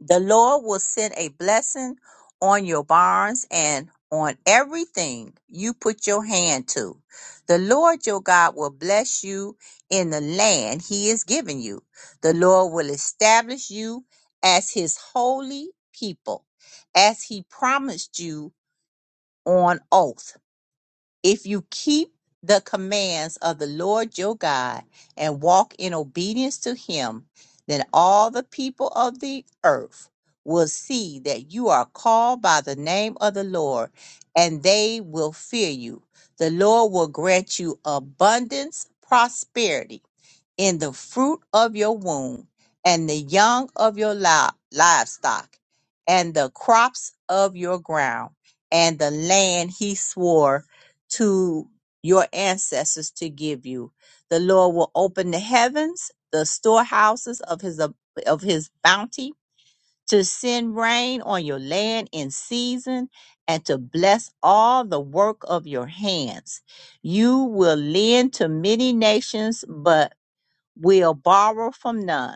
A: The Lord will send a blessing on your barns and on everything you put your hand to. The Lord your God will bless you in the land he is giving you. The Lord will establish you as his holy people, as he promised you on oath if you keep the commands of the Lord your God and walk in obedience to him, then all the people of the earth will see that you are called by the name of the Lord and they will fear you. The Lord will grant you abundance, prosperity in the fruit of your womb, and the young of your li- livestock, and the crops of your ground, and the land he swore to your ancestors to give you. The Lord will open the heavens, the storehouses of his ab- of his bounty, to send rain on your land in season, and to bless all the work of your hands. You will lend to many nations, but will borrow from none.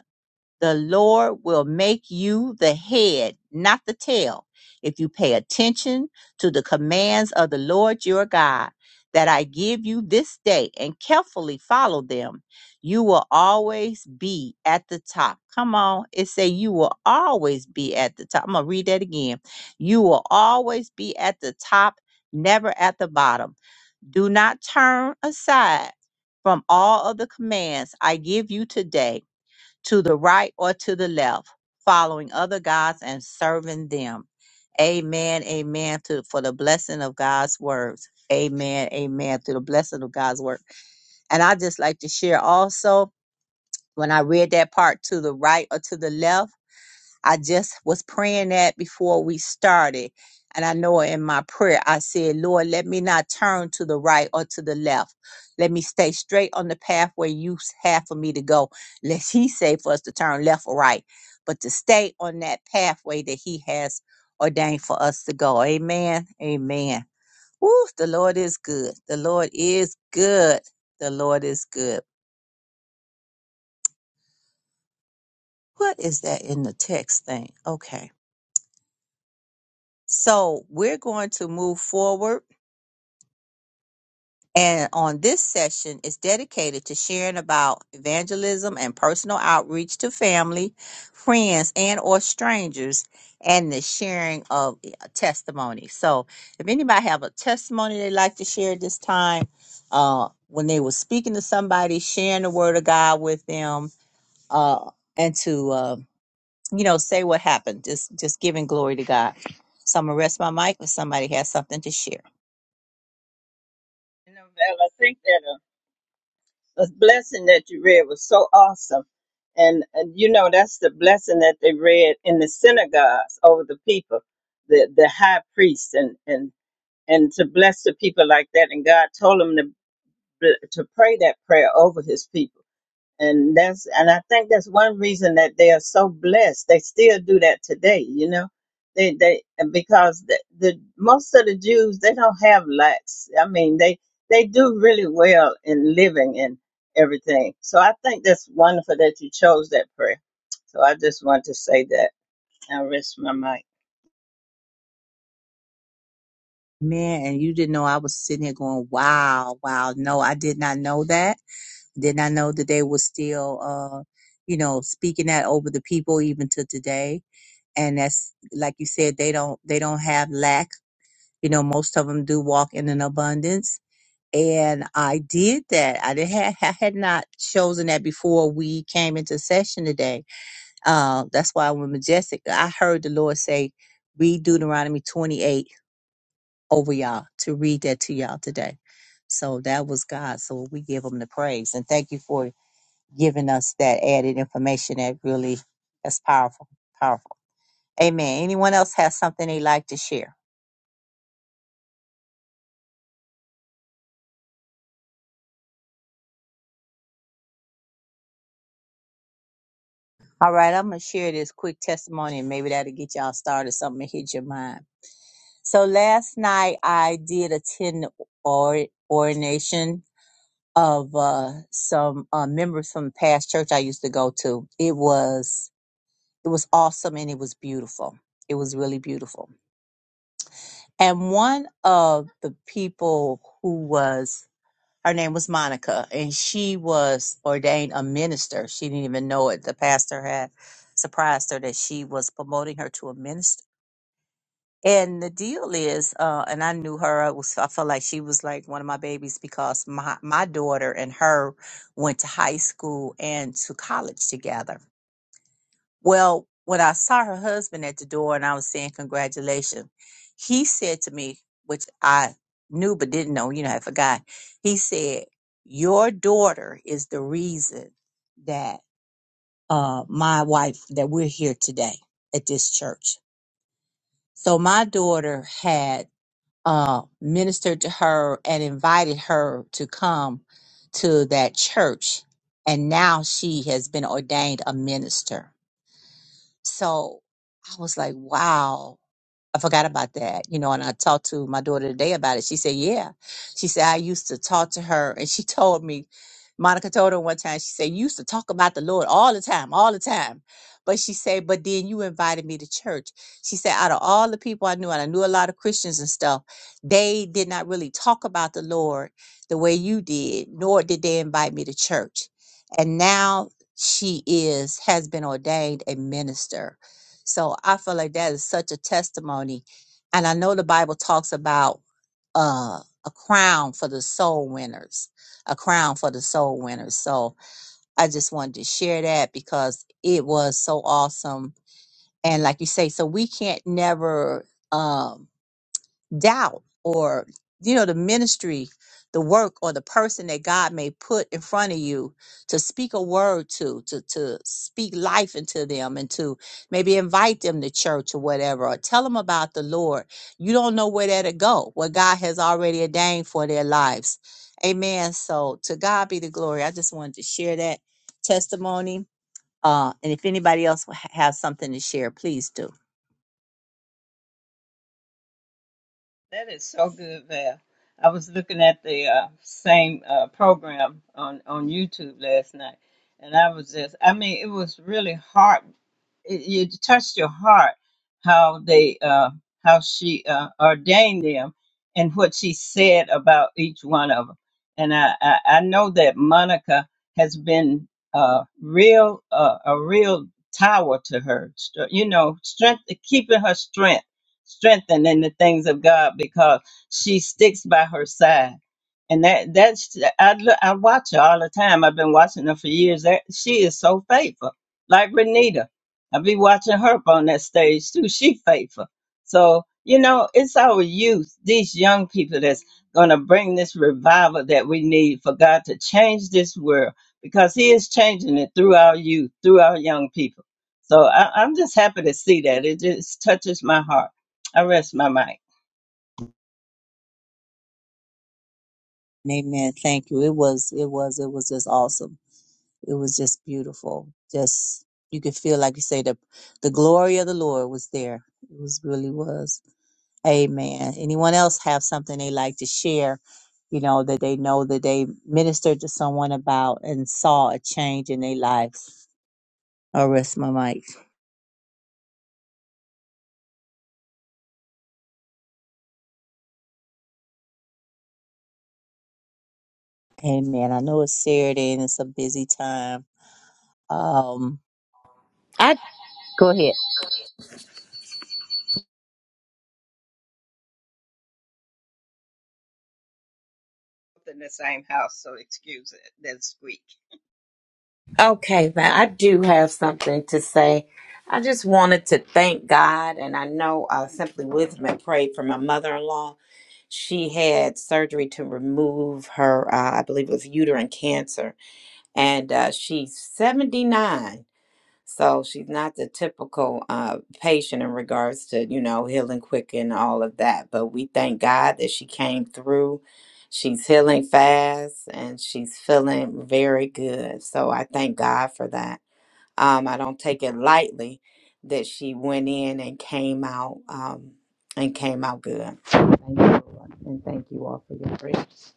A: The Lord will make you the head, not the tail, if you pay attention to the commands of the Lord your God that I give you this day and carefully follow them. You will always be at the top. Come on, it say you will always be at the top. I'm gonna read that again. You will always be at the top, never at the bottom. Do not turn aside from all of the commands I give you today to the right or to the left, following other gods and serving them. Amen. Amen. To for the blessing of God's words. Amen. Amen. To the blessing of God's word. And I just like to share also when I read that part to the right or to the left I just was praying that before we started. And I know in my prayer, I said, Lord, let me not turn to the right or to the left. Let me stay straight on the pathway you s- have for me to go. Lest He say for us to turn left or right, but to stay on that pathway that He has ordained for us to go. Amen. Amen. Woo, the Lord is good. The Lord is good. The Lord is good. What is that in the text thing? Okay. So we're going to move forward And on this session is dedicated to sharing about evangelism and personal outreach to family, friends, and or strangers and the sharing of testimony. So if anybody have a testimony they'd like to share at this time, uh, when they were speaking to somebody, sharing the word of God with them, uh, and to uh, you know, say what happened. Just just giving glory to God. So I'm gonna rest my mic if somebody has something to share.
C: You know, Val, I think that A blessing that you read was so awesome. And, and you know, that's the blessing that they read in the synagogues over the people, the, the high priest, and, and, and to bless the people like that. And God told him to, bl- to pray that prayer over his people and that's and I think that's one reason that they are so blessed. They still do that today, you know. They they because the, the most of the Jews they don't have lacks. I mean they they do really well in living and everything. So I think that's wonderful that you chose that prayer. So I just want to say that. I rest my mic.
A: Man, and you didn't know I was sitting here going, Wow, wow. No, I did not know that. Did not know that they were still uh, you know, speaking that over the people even to today. And that's like you said, they don't they don't have lack. You know, most of them do walk in an abundance. and I did that. I did had I had not chosen that before we came into session today. Uh, that's why when majestic, I heard the Lord say, "Read Deuteronomy 28 over y'all to read that to y'all today." So that was God. So we give Him the praise and thank you for giving us that added information. That really, that's powerful, powerful. Amen. Anyone else has something they like to share? All right, I'm going to share this quick testimony and maybe that'll get y'all started. Something to hit your mind. So last night I did attend the or- ordination of uh, some uh, members from the past church I used to go to. It was it was awesome and it was beautiful. It was really beautiful. And one of the people who was her name was Monica, and she was ordained a minister. She didn't even know it. The pastor had surprised her that she was promoting her to a minister. And the deal is, uh, and I knew her. I was, I felt like she was like one of my babies because my my daughter and her went to high school and to college together. Well, when I saw her husband at the door and I was saying congratulations, he said to me, which I knew but didn't know, you know, I forgot. He said, Your daughter is the reason that uh, my wife, that we're here today at this church. So my daughter had uh, ministered to her and invited her to come to that church. And now she has been ordained a minister. So I was like, wow, I forgot about that. You know, and I talked to my daughter today about it. She said, yeah. She said, I used to talk to her. And she [laughs] told me, Monica told her one time, she said, you used to talk about the Lord all the time, all the time. But she said, but then you invited me to church. She said, out of all the people I knew, and I knew a lot of Christians and stuff, they did not really talk about the Lord the way you did, nor did they invite me to church. And now she is, has been ordained a minister so I feel like that is such a testimony. And I know the Bible talks about uh, a crown for the soul winners, a crown for the soul winners. So I just wanted to share that because it was so awesome. And like you say, so we can't never um, doubt or you know the ministry the work or the person that god may put in front of you to speak a word to to to speak life into them and to maybe invite them to church or whatever or tell them about the lord you don't know where that to go what god has already ordained for their lives amen so to god be the glory i just wanted to share that testimony uh, and if anybody else ha- has something to share, please do.
C: That is so good, Val. I was looking at the uh, same uh, program on on YouTube last night and I was just I mean it was really heartwarming it, it touched your heart how they uh, how she uh, ordained them and what she said about each one of them. And I, I, I know that Monica has been uh, real uh, a real tower to her. st- You know, strength keeping her strength strengthened in the things of God because she sticks by her side. And that that's I look I watch her all the time. I've been watching her for years. That she is so faithful, like Renita I be watching her up on that stage too. She faithful. So, you know, it's our youth, these young people that's gonna bring this revival that we need for God to change this world because He is changing it through our youth, through our young people. So I, I'm just happy to see that. It just touches my heart. I rest my mic.
A: Amen. Thank you. It was, it was, it was just awesome. It was just beautiful. Just, you could feel, like you say, the, the glory of the Lord was there. It was really was. Amen. Anyone else have something they like to share, you know, that they know that they ministered to someone about and saw a change in their lives? I'll rest my mic. Amen. I know it's Saturday and it's a busy time. Um, go ahead.
C: In the same house, so excuse it that squeak.
D: Okay, but I do have something to say. I just wanted to thank God, and I know uh, Simply Wisdom had prayed for my mother in law. She had surgery to remove her, uh, I believe it was uterine cancer, and uh, she's 79. So she's not the typical uh, patient in regards to, you know, healing quick and all of that. But we thank God that she came through. She's healing fast and she's feeling very good. So I thank God for that. Um, I don't take it lightly that she went in and came out um, and came out good. Thank you, Lord, and thank you all for your prayers.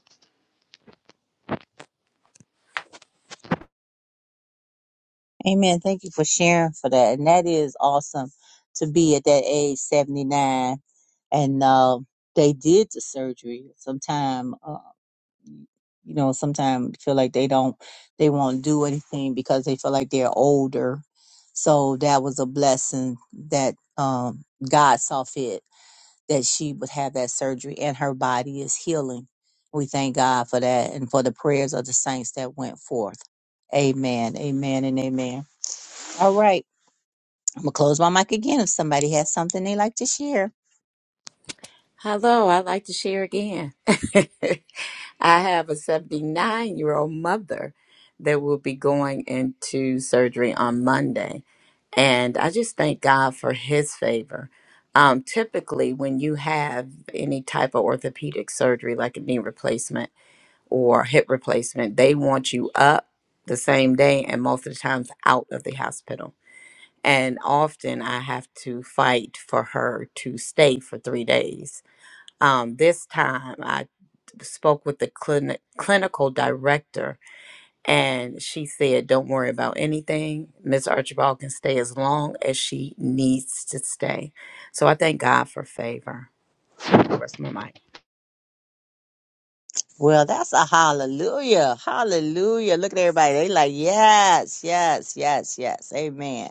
A: Amen. Thank you for sharing for that. And that is awesome to be at that age, 79. And uh, they did the surgery sometime. uh, you know, sometimes feel like they don't, they won't do anything because they feel like they're older. So that was a blessing that um, God saw fit that she would have that surgery and her body is healing. We thank God for that and for the prayers of the saints that went forth. Amen, amen, and amen. All right. I'm going to close my mic again if somebody has something they like to share.
D: Hello, I'd like to share again. [laughs] I have a 79 year old mother that will be going into surgery on Monday. And I just thank God for his favor. Um, typically, when you have any type of orthopedic surgery, like a knee replacement or hip replacement, they want you up the same day and most of the times out of the hospital. And often I have to fight for her to stay for three days um, this time I spoke with the clinic, clinical director and she said, Don't worry about anything. Ms. Archibald can stay as long as she needs to stay. So I thank God for favor. Rest my mic.
A: Well, that's a hallelujah. Hallelujah. Look at everybody. They like, yes, yes, yes, yes. Amen.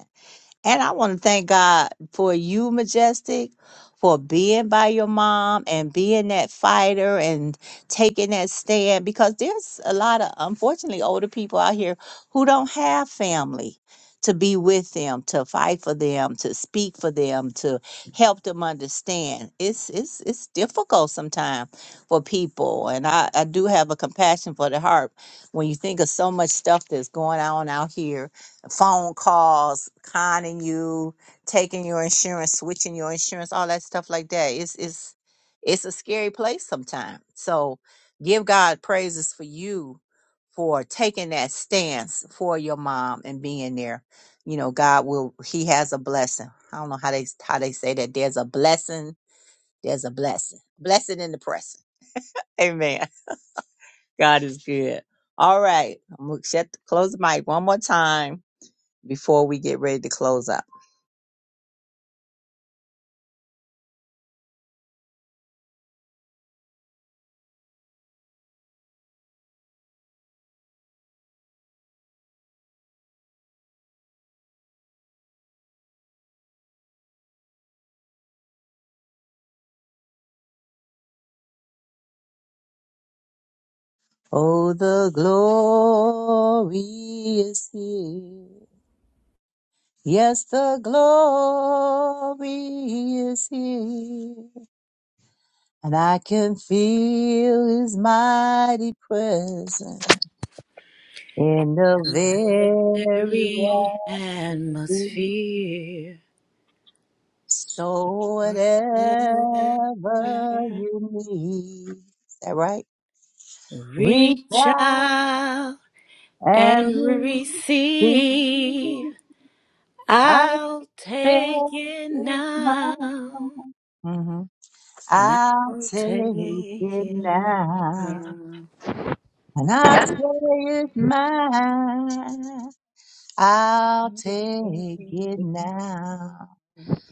A: And I want to thank God for you, Majestic, for being by your mom and being that fighter and taking that stand because there's a lot of, unfortunately, older people out here who don't have family to be with them, to fight for them, to speak for them, to help them understand. It's it's it's difficult sometimes for people. And I, I do have a compassion for the heart when you think of so much stuff that's going on out here phone calls conning you, taking your insurance, switching your insurance, all that stuff like that. It's it's it's a scary place sometimes. So give God praises for you for taking that stance for your mom and being there. You know, God will he has a blessing. I don't know how they how they say that. There's a blessing, there's a blessing. Blessing in the pressing. Amen. [laughs] God is good. All right. I'm gonna shut close the mic one more time before we get ready to close up. Oh, the glory is here. Yes, the glory is here. And I can feel his mighty presence in the very
D: Every
A: atmosphere.
D: atmosphere.
A: So whatever you need, is that right? Reach
D: Reach
A: out
D: out and
A: and
D: receive
A: reach.
D: I'll take it now.
A: Mm-hmm.
D: And
A: I'll
D: I'll
A: take
D: take
A: it
D: it
A: now,
D: now.
A: and I'll say it's mine. I'll take it now.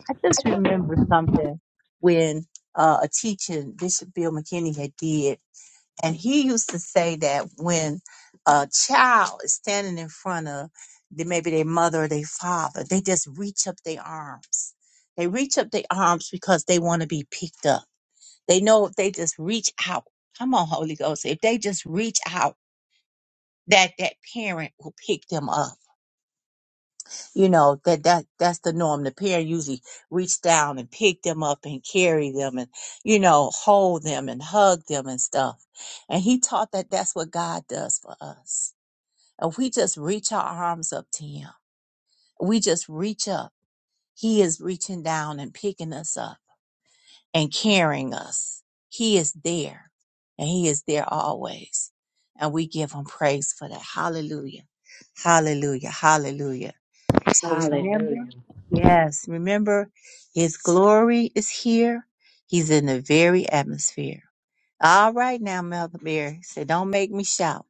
A: I just remember something when uh, a teaching Bishop Bill McKinney had did. And he used to say that when a child is standing in front of the, maybe their mother or their father, they just reach up their arms. They reach up their arms because they want to be picked up. They know if they just reach out, come on, Holy Ghost, if they just reach out, that that parent will pick them up you know that that that's the norm the parent usually reach down and pick them up and carry them and you know hold them and hug them and stuff and he taught that that's what god does for us if we just reach our arms up to him we just reach up he is reaching down and picking us up and carrying us he is there and he is there always and we give him praise for that hallelujah hallelujah hallelujah so remember,
D: Hallelujah.
A: yes, remember his glory is here. He's in the very atmosphere. All right now, Mother Mary said, don't make me shout.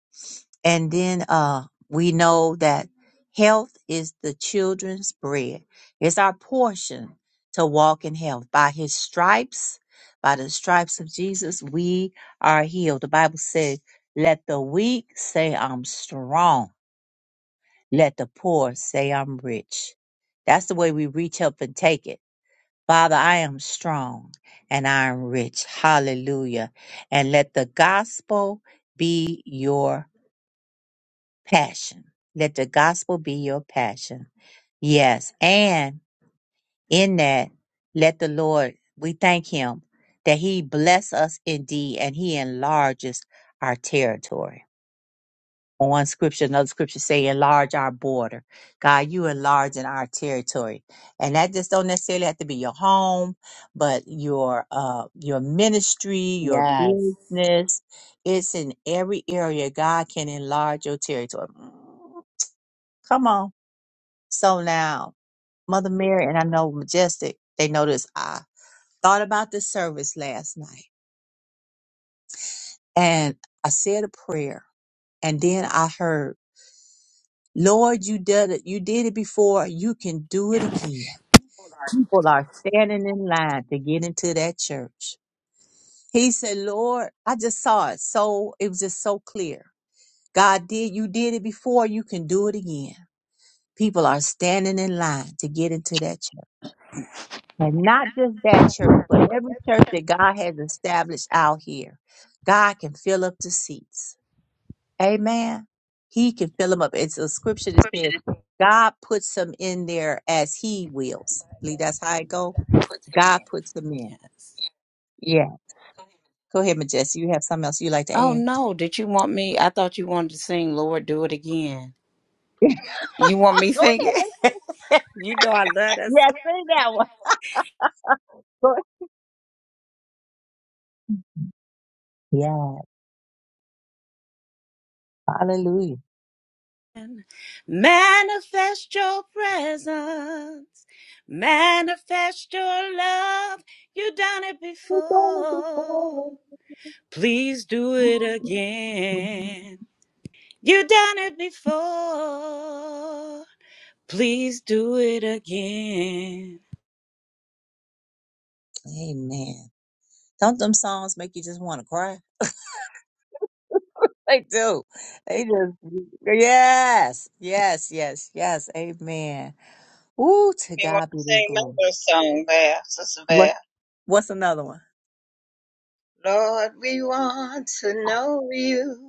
A: And then uh we know that health is the children's bread. It's our portion to walk in health. By his stripes, by the stripes of Jesus, we are healed. The Bible says, let the weak say I'm strong. Let the poor say I'm rich. That's the way we reach up and take it. Father, I am strong and I am rich. Hallelujah. And let the gospel be your passion. Let the gospel be your passion. Yes. And in that, let the Lord, we thank him that he bless us indeed and he enlarges our territory. on one scripture, another scripture say, enlarge our border. God, you enlarge in our territory. And that just don't necessarily have to be your home, but your uh your ministry, your
D: Yes. Yes.
A: business. It's in every area God can enlarge your territory. Mm, Come on. So now, Mother Mary and I know Majestic, they know this. I thought about the service last night and I said a prayer and then I heard Lord, you did it. You did it before. You can do it again. People are standing in line to get into that church. He said, Lord, I just saw it. So it was just so clear. God did, you did it before. You can do it again. People are standing in line to get into that church. And not just that church, but every church that God has established out here. God can fill up the seats. Amen. He can fill them up. It's a scripture that says God puts them in there as He wills. I believe that's how it go. God puts them in. Yeah. Go ahead, Majestic. You have something else you like to
D: Oh
A: add? [laughs]
D: no, did you want me? I thought you wanted to sing Lord Do It Again. You want me
A: go
D: singing?
A: ahead. Let's
D: [laughs]
A: go.
D: you know I love that
A: Yeah,
D: song.
A: that one. [laughs] Go ahead. Yeah. Hallelujah.
D: Manifest your presence. Manifest your love. You done it
A: We're gonna do
D: before.
A: better.
D: Please do it again. You done it before. Please do it again.
A: Amen. Don't them songs make you just want to cry? [laughs] They do. They just yes, yes, yes, yes. Amen. Ooh,
C: Make
A: to
C: me want
A: God be
C: to
A: the
C: sing my
A: glory.
C: little song, Val, Sister
A: What?
C: Val.
A: What's another one?
C: Lord, we want to know you.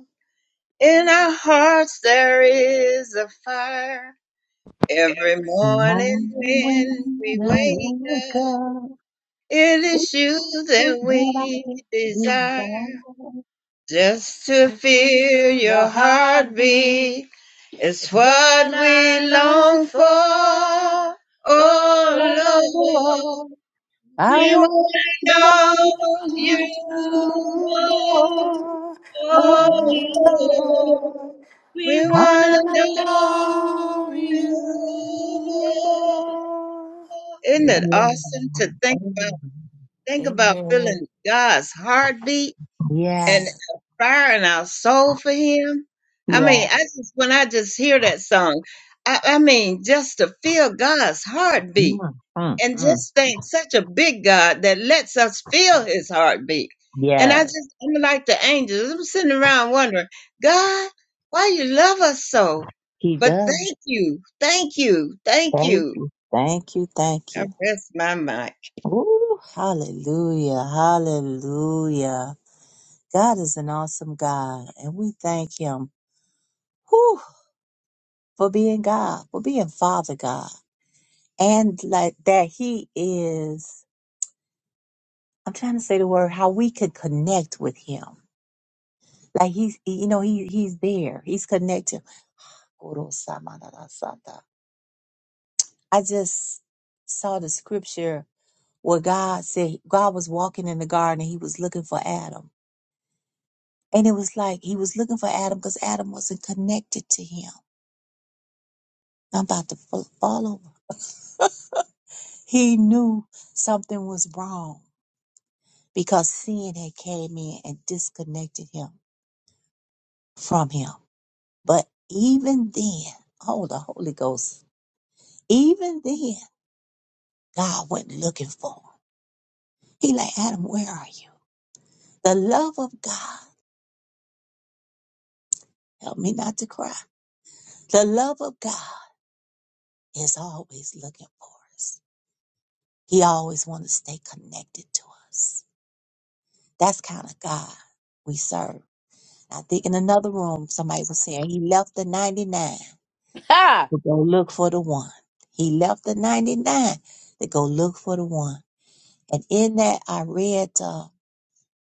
C: In our hearts there is a fire. Every morning
A: Morning
C: when we
A: when I
C: wake
A: woke
C: up,
A: up,
C: it is
A: it's
C: you
A: something
C: that
A: that
C: we
A: I
C: desire.
A: desire.
C: Just to feel your heartbeat is what we long for. Oh
A: Oh,
C: Lord,
A: Lord, I
C: we want
A: want
C: to know you
A: you
E: I
C: more.
A: for
F: Oh
C: Oh
A: me.
C: Lord,
F: Lord,
C: we
A: Huh?
C: want to
F: wanna
C: know.
E: don't know
F: know
E: you.
F: you more.
C: Isn't it awesome to think about? Think about
E: Amen.
C: feeling God's heartbeat and
A: Yes,
C: a fire in our soul for Him. I mean,
A: yes.
C: I just when I just hear that song, I, I mean, just to feel God's heartbeat
A: Mm, mm,
C: and
A: mm.
C: just think such a big God that lets us feel His heartbeat. And I
A: Yes,
C: just I'm like the angels. I'm sitting around wondering, God, why you love us so?
A: he
C: But
A: does.
C: thank you, thank you, thank
A: Thank
C: you.
A: you, thank you, thank
C: I
A: you.
C: rest my mic.
A: Ooh, hallelujah, hallelujah, God is an awesome God, and we thank Him whew, for being God, for being Father God, and like that He is. I'm trying to say the word how we could connect with Him. Like He's, you know, He He's there. He's connected. I just saw the scripture where God said God was walking in the garden and He was looking for Adam, and it was like He was looking for Adam because Adam wasn't connected to Him. I'm about to fall fall over. He knew something was wrong because sin had came in and disconnected him from him. But even then, oh, the Holy Ghost, even then, God went looking for him. He like, Adam, where are you? The love of God, help me not to cry. The love of God is always looking for us. He always wants to stay connected to us. That's kind of God we serve. I think in another room, somebody was saying he left the 99
D: Ha!
A: to go look for the one. He left the 99 to go look for the one. And in that, I read, uh,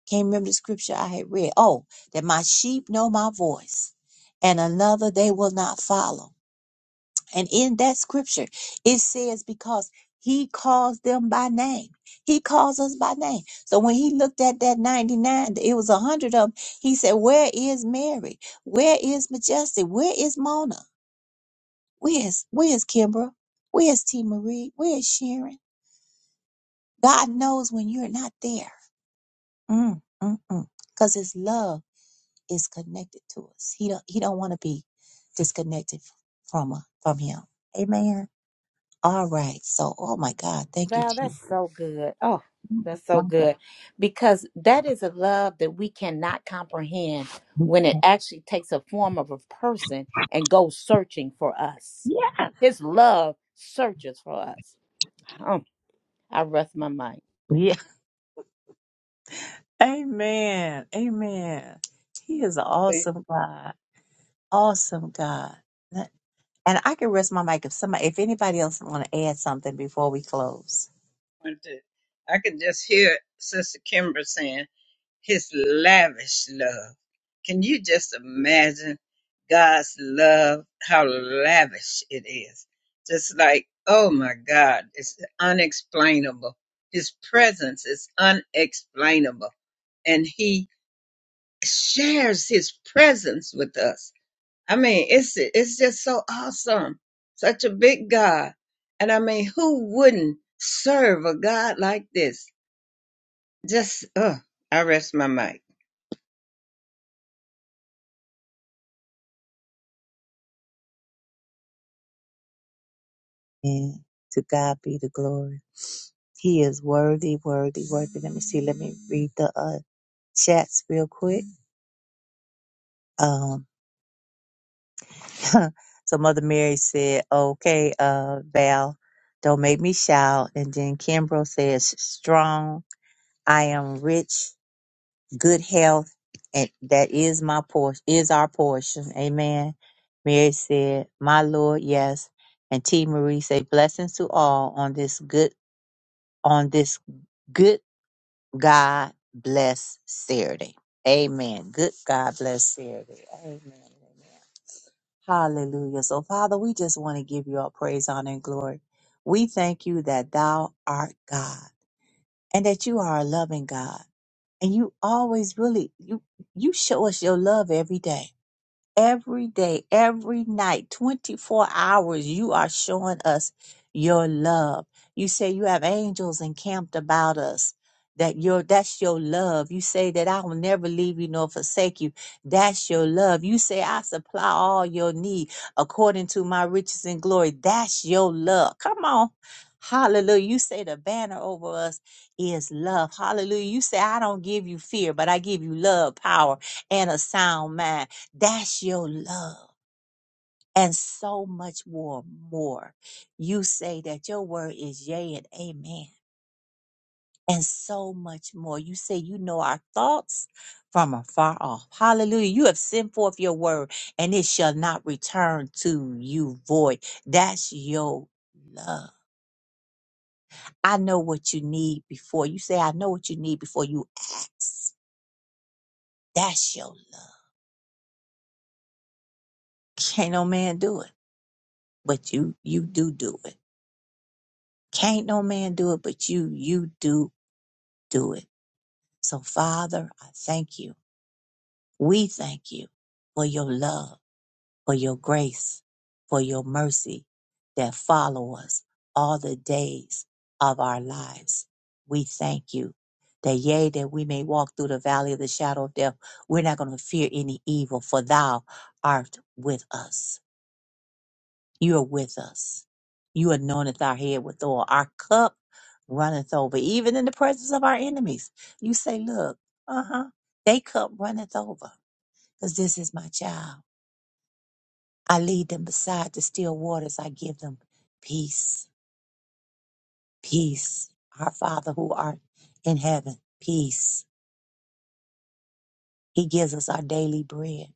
A: can't remember the scripture I had read. Oh, that my sheep know my voice and another they will not follow. And in that scripture, it says, because he calls them by name. He calls us by name. So when he looked at that 99, it was a hundred of them. He said, where is Mary? Where is Majesty? Where is Mona? Where's Where's Kimbra? Where's T Marie? Where's Sharon? God knows when you're not there. Mm, mm, mm. Cause His love is connected to us. He don't He don't want to be disconnected f- from us, from Him. Amen. All right. So, oh my God, thank you,
D: Wow,
A: Chief.
D: that's so good. Oh, that's so
A: My
D: good. Because that is a love that we cannot comprehend
A: God.
D: when it actually takes a form of a person and goes searching for us.
A: Yeah.
D: His love searches for us. Um, I rest my mind.
A: Yeah. [laughs] Amen. Amen. He is an
C: They
A: awesome God. Awesome God. And I can rest my mic if somebody, if anybody else want to add something before we close.
C: want to- I can just hear Sister Kimber saying, His lavish love. Can you just imagine God's love, how lavish it is? Just like, oh my God, it's unexplainable. His presence is unexplainable. And He shares His presence with us I mean, it's it's just so awesome. Such a big God. And I mean, who wouldn't serve a God like this? Just uh, I rest my mic.
A: And to God be the glory. He is worthy, worthy, worthy. Let me see. Let me read the uh, chats real quick. Um, [laughs] so Mother Mary said, "Okay, uh, Val, don't make me shout." And then Kimbrough says, "Strong. I am rich. Good health, and that is my portion. Is our portion." Amen. Mary said, "My Lord, yes." And T. Marie said, "Blessings to all on this good on this." good." God bless Saturday. Amen. Good God bless Saturday. Amen. Amen. Hallelujah. So, Father, we just want to give you all praise, honor, and glory. We thank you that thou art God and that you are a loving God. And you always really you you show us your love every day every day, every night, 24 hours, you are showing us your love. You say you have angels encamped about us. That your that's your love. You say that I will never leave you nor forsake you. That's your love. You say I supply all your need according to my riches and glory. That's your love. Come on. Hallelujah. You say the banner over us is love. Hallelujah. You say I don't give you fear, but I give you love, power, and a sound mind. That's your love. And so much more, more. You say that your word is yea and amen. And so much more. You say you know our thoughts from afar off. Hallelujah. You have sent forth your word and it shall not return to you void. That's your love. I know what you need before you say, I know what you need before you ask. That's your love. Can't no man do it, but you, you do do it Can't no man do it but you. You do do it. So, Father, I thank you. We thank you for your love, for your grace, for your mercy that follow us all the days of our lives. We thank you that yea, that we may walk through the valley of the shadow of death. We're not going to fear any evil, for thou art with us. You are with us. You anointeth our head with oil. Our cup runneth over, even in the presence of our enemies. You say, Look, uh huh, they cup runneth over, because this is my child. I lead them beside the still waters. I give them peace, peace. Our Father who art in heaven, peace. He gives us our daily bread,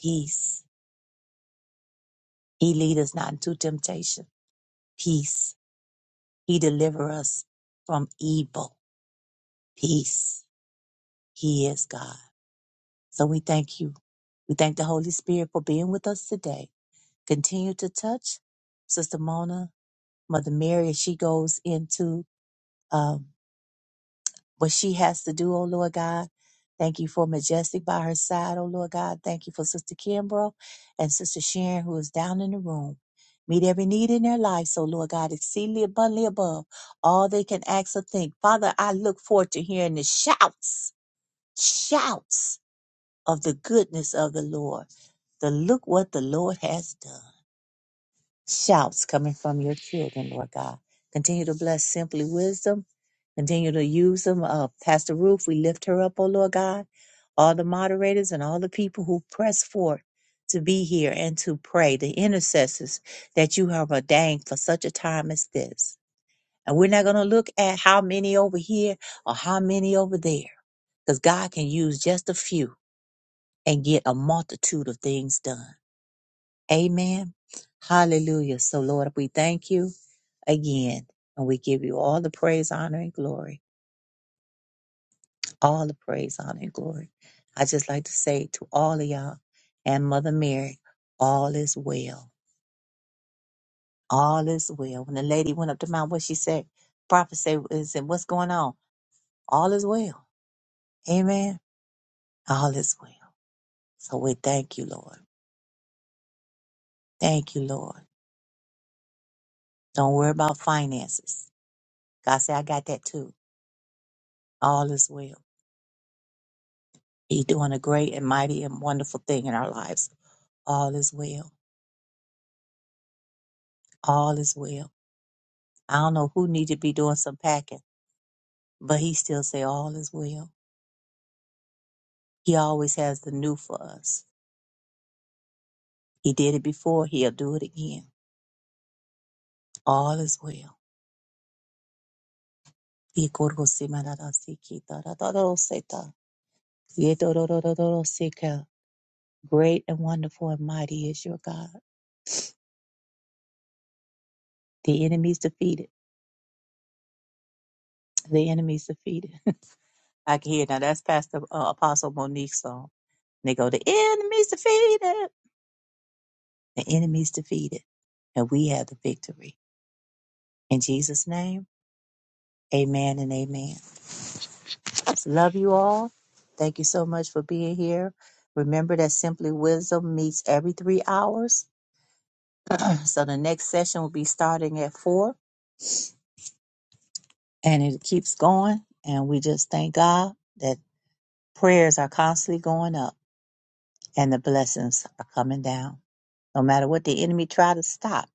A: peace. He lead us not into temptation, peace. He deliver us from evil, peace. He is God. So we thank you. We thank the Holy Spirit for being with us today. Continue to touch Sister Mona, Mother Mary, as she goes into um, what she has to do, oh Lord God. Thank you for Majestic by her side, oh Lord God. Thank you for Sister Kimbrough and Sister Sharon, who is down in the room. Meet every need in their life, so Lord God, exceedingly abundantly above all they can ask or think. Father, I look forward to hearing the shouts, shouts of the goodness of the Lord. The look what the Lord has done. Shouts coming from your children, Lord God. Continue to bless simply wisdom. Continue to use them. Uh, Pastor Ruth, we lift her up, oh Lord God. All the moderators and all the people who press forth to be here and to pray, the intercessors that you have ordained for such a time as this. And we're not going to look at how many over here or how many over there, because God can use just a few and get a multitude of things done. Amen. Hallelujah. So, Lord, we thank you again and we give you all the praise, honor, and glory. All the praise, honor, and glory. I just like to say to all of y'all and Mother Mary, all is well. All is well. When the lady went up to mount, what she said, prophet said, is it what's going on? All is well. Amen. All is well. So we thank you, Lord. Thank you, Lord. Don't worry about finances. God said, I got that too. All is well. He's doing a great and mighty and wonderful thing in our lives. All is well. All is well. I don't know who needed to be doing some packing, but he still say all is well. He always has the new for us. He did it before. He'll do it again. All is well. Great and wonderful and mighty is your God. The enemy's defeated. The enemy's defeated. [laughs] I can hear now. That's Pastor uh, Apostle Monique's song. And They go, the enemy's defeated. The enemy's defeated. And we have the victory. In Jesus' name, amen and amen. Love you all. Thank you so much for being here. Remember that Simply Wisdom meets every three hours. [clears throat] so the next session will be starting at four and it keeps going. And we just thank God that prayers are constantly going up and the blessings are coming down. No matter what the enemy try to stop,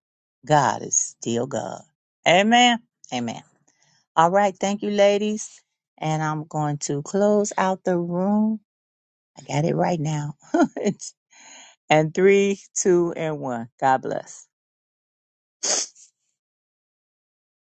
A: God is still God. Amen. Amen. All right. Thank you, ladies. And I'm going to close out the room. I got it right now. [laughs] and three, two, and one. God bless.